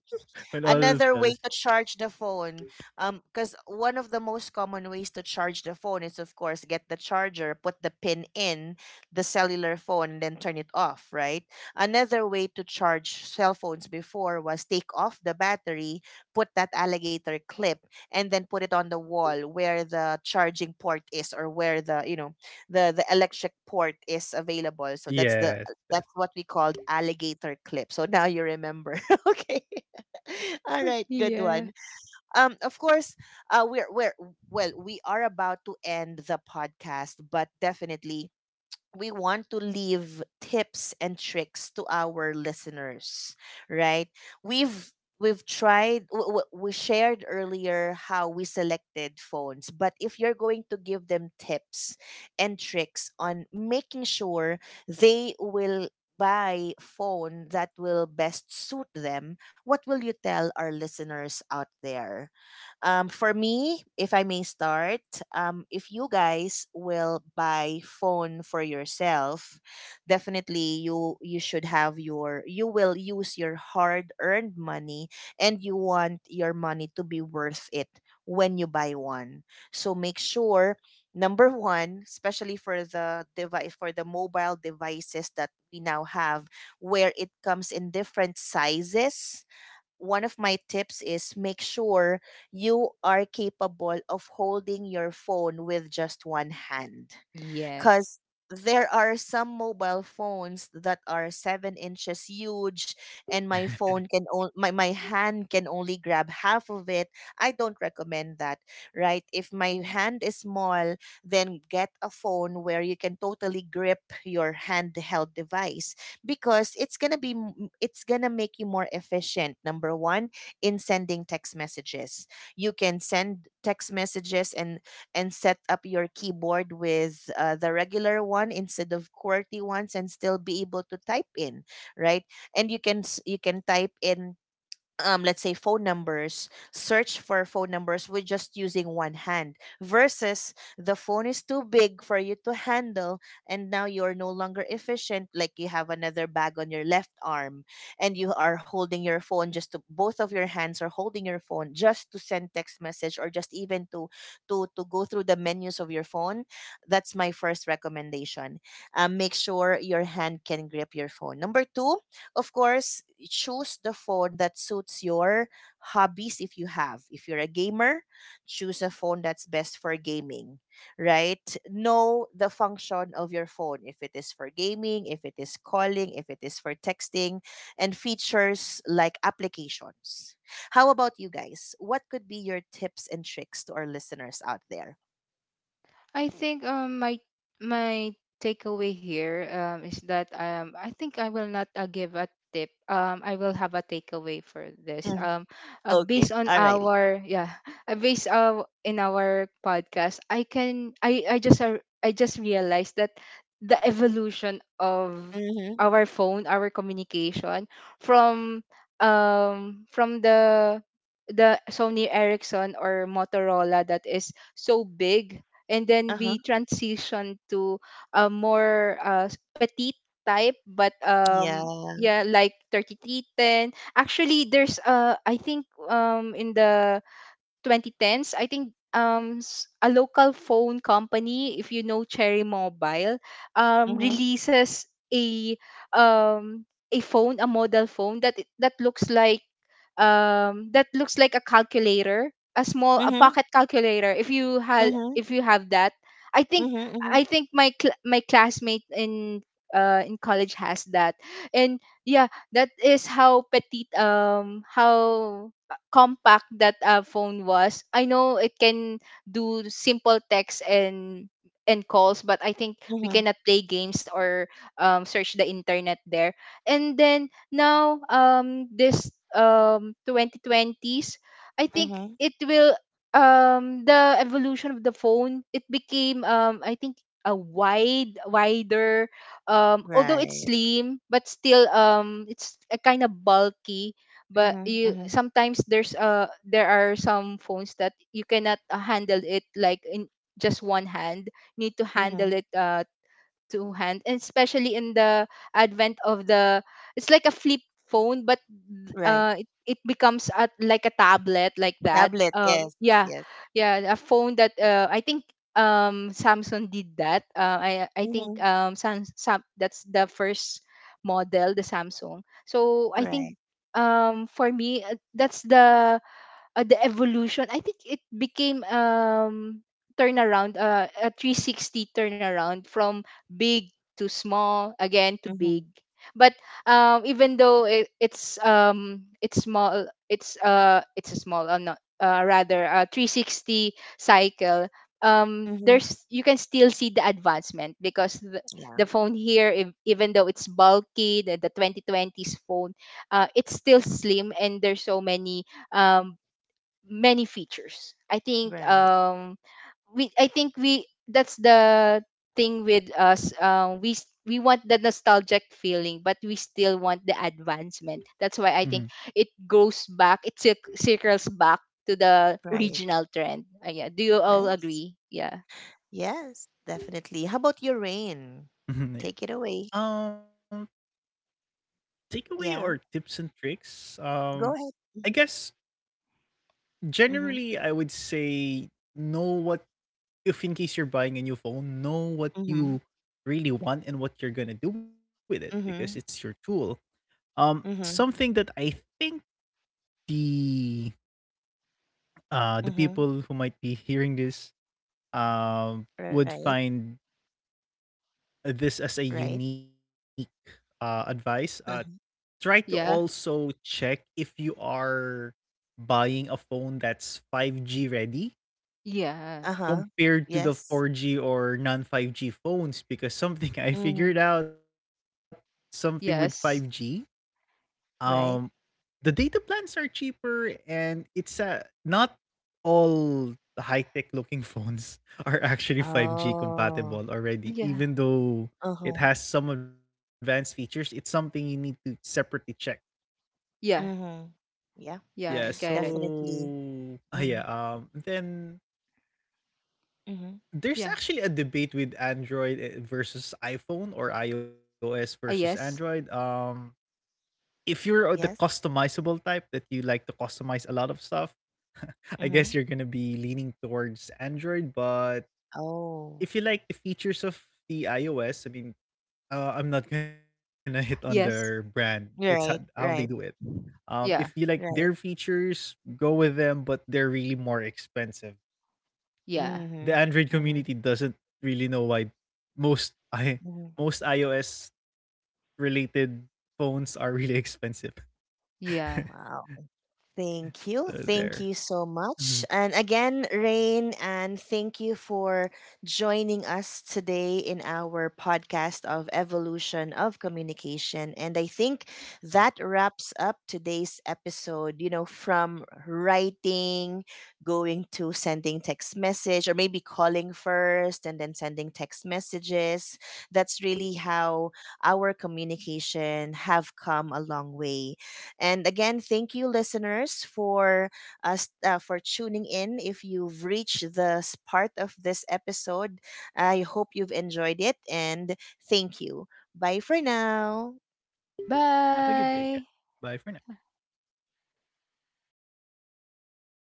S3: when all
S1: Another way
S3: fails.
S1: to charge the phone, um because one of the most common ways to charge the phone is of course get the charger, put the pin in the cellular phone and then turn it off, right? Another way to charge cell phones before was take off the battery, put that alligator clip, and then put it on the wall where the charging port is, or where, the you know, the the electric port is available. So that's the,
S3: Yes, yes.
S1: that's what we called alligator clip. So now you remember. Okay. All right, good
S2: yeah.
S1: one. Um, of course, uh, we're we're well, we are about to end the podcast, but definitely, we want to leave tips and tricks to our listeners, right? we've we've tried, w- w- we shared earlier how we selected phones, but if you're going to give them tips and tricks on making sure they will buy phone that will best suit them, what will you tell our listeners out there? Um, for me, if I may start, um, if you guys will buy phone for yourself, definitely you you should have your you will use your hard earned money, and you want your money to be worth it when you buy one. So make sure number one, especially for the device for the mobile devices that we now have, where it comes in different sizes, one of my tips is make sure you are capable of holding your phone with just one hand,
S2: Yes.
S1: because there are some mobile phones that are seven inches huge, and my phone can only my, my hand can only grab half of it. I don't recommend that, right? If my hand is small, then get a phone where you can totally grip your handheld device, because it's gonna be, m- it's gonna make you more efficient. Number one, in sending text messages, you can send text messages, and and set up your keyboard with, uh, the regular one instead of QWERTY ones and still be able to type in, right? And you can s- you can type in, um, let's say phone numbers, search for phone numbers with just using one hand, versus the phone is too big for you to handle and now you're no longer efficient, like you have another bag on your left arm and you are holding your phone just to, both of your hands are holding your phone just to send text message or just even to, to to go through the menus of your phone. That's my first recommendation. Um, make sure your hand can grip your phone. Number two, of course, choose the phone that suits your hobbies, if you have. If you're a gamer, choose a phone that's best for gaming, right? Know the function of your phone, if it is for gaming, if it is calling, if it is for texting, and features like applications. How about you guys? What could be your tips and tricks to our listeners out there?
S2: I think um my, my takeaway here um is that um I think I will not uh, give a tip. Um I will have a takeaway for
S1: Mm-hmm.
S2: this. Um uh,
S1: Okay,
S2: based on
S1: alrighty.
S2: our, yeah, uh, based uh, in our podcast, I can I I just uh, I just realized that the evolution of
S1: Mm-hmm.
S2: our phone, our communication, from um from the the Sony Ericsson or Motorola that is so big, and then
S1: Uh huh.
S2: we transitioned to a more uh, s- petite type, but um
S1: Yeah.
S2: yeah, like thirty-three ten. Actually, there's uh i think um in the twenty tens, I think um s- a local phone company, if you know Cherry Mobile, um
S1: Mm-hmm.
S2: releases a um a phone, a model phone that i- that looks like um that looks like a calculator, a small, a
S1: Mm-hmm.
S2: pocket calculator. If you have,
S1: Mm-hmm.
S2: if you have that, I think,
S1: Mm-hmm.
S2: I think my cl- my classmate in uh in college has that. And yeah, that is how petite, um how compact that uh, phone was. I know it can do simple text and and calls, but I think we
S1: Mm-hmm.
S2: cannot play games or um, search the internet there. And then now, um, this um twenty twenties, I think
S1: Mm-hmm.
S2: it will, um the evolution of the phone, it became um I think a wide wider um although it's
S1: Right.
S2: slim, but still um it's a kind of bulky, but
S1: Mhm.
S2: you
S1: Mhm.
S2: sometimes there's uh there are some phones that you cannot uh, handle it like in just one hand. You need to handle
S1: Mhm.
S2: it uh two hands, and especially in the advent of the, it's like a flip phone, but
S1: Right.
S2: uh, it, it becomes a, like a tablet like that.
S1: Tablet.
S2: Uh,
S1: Yes.
S2: yeah,
S1: Yes.
S2: yeah, a phone that uh, I think um Samsung did that. Uh, I I think
S1: Mhm.
S2: um Sam, Sam, that's the first model, the Samsung. So I
S1: Right.
S2: think um for me, uh, that's the uh, the evolution, I think it became um turnaround, uh, a three sixty turnaround from big to small again to big,
S1: Mhm.
S2: but um even though it, it's um it's small, it's uh it's a small uh, not uh, rather a three sixty cycle, um
S1: Mhm.
S2: there's, you can still see the advancement, because the,
S1: Yeah.
S2: the phone here ev- even though it's bulky, the, the twenty twenties phone uh it's still slim and there's so many um many features. I think
S1: Right.
S2: um we I think we, that's the thing with us, um we s- we want the nostalgic feeling but we still want the advancement,
S3: hmm
S2: that's why I think it goes back, it cir- circles back to the
S1: Right.
S2: original trend. Uh, yeah, do you all
S1: Nice.
S2: agree? Yeah.
S1: Yes. Definitely. How about your rain?
S3: hmm yeah.
S1: Take it away.
S3: Um, takeaway or
S1: Yeah.
S3: tips and tricks. Um,
S1: Go
S3: I
S1: ahead.
S3: guess generally
S1: Mhm.
S3: I would say know what if in case you're buying a new phone, know what
S1: Mhm.
S3: you really want and what you're gonna do with it because it's your
S1: Mhm.
S3: tool. Um, something
S1: Mhm.
S3: that I think the uh the
S1: Mhm.
S3: people who might be hearing this um
S1: Right.
S3: would find this as a
S1: Right.
S3: unique uh advice. Uh, try to
S2: Yeah.
S3: also check if you are buying a phone that's five G ready
S1: Uh
S2: Yeah.
S1: huh.
S3: compared to the
S1: Yes.
S3: four G or non five G phones because something I
S1: Mhm.
S3: figured out something with five G
S2: Yes.
S3: um
S1: Right.
S3: the data plans are cheaper and it's uh, not all high-tech looking phones are actually five G
S1: Oh.
S3: compatible already
S2: Yeah.
S3: even though
S1: Uh huh.
S3: it has some advanced features. It's something you need to separately check.
S2: Yeah.
S1: Mhm. Yeah.
S3: Yeah
S2: Yeah, I get it.
S1: Definitely.
S3: so ah, yeah
S1: Mhm.
S3: um then
S1: Mhm.
S3: There's
S2: Yeah.
S3: actually a debate with Android eh, versus iPhone or iOS versus
S2: uh,
S3: Android.
S2: yes.
S3: Um, if you're uh, the
S1: Yes.
S3: customizable type that you like to customize a lot of stuff, I guess
S1: Mhm.
S3: you're gonna be leaning towards Android. But
S1: Oh,
S3: if you like the features of the iOS, I mean, uh, I'm not gonna hit on their brand.
S2: Yes.
S3: It's how, how they
S1: right,
S3: do it.
S1: right,
S3: Um, if you
S2: Yeah.
S3: like their
S1: right.
S3: features, go with them, but they're really more expensive.
S2: Yeah.
S3: The
S1: Mm-hmm.
S3: Android
S1: Mm-hmm.
S3: community doesn't really know why most I
S1: Mm-hmm.
S3: most iOS related phones are really expensive. So
S2: Yeah.
S1: Wow. Thank you.
S3: there.
S1: Thank you so
S3: Mhm.
S1: much. And again, Rain, and thank you for joining us today in our podcast of Evolution of Communication. And I
S3: Mhm.
S1: think that wraps up today's episode, you know, from writing, going to sending text message, or maybe calling first and then sending text messages. That's really how our communication have come a long way. And again, thank you, listeners, for us uh, for tuning in. If you've reached this part of this episode, I hope you've enjoyed it, and thank you. Bye for now.
S3: Have a good day, guys.
S2: Bye.
S3: Bye for now.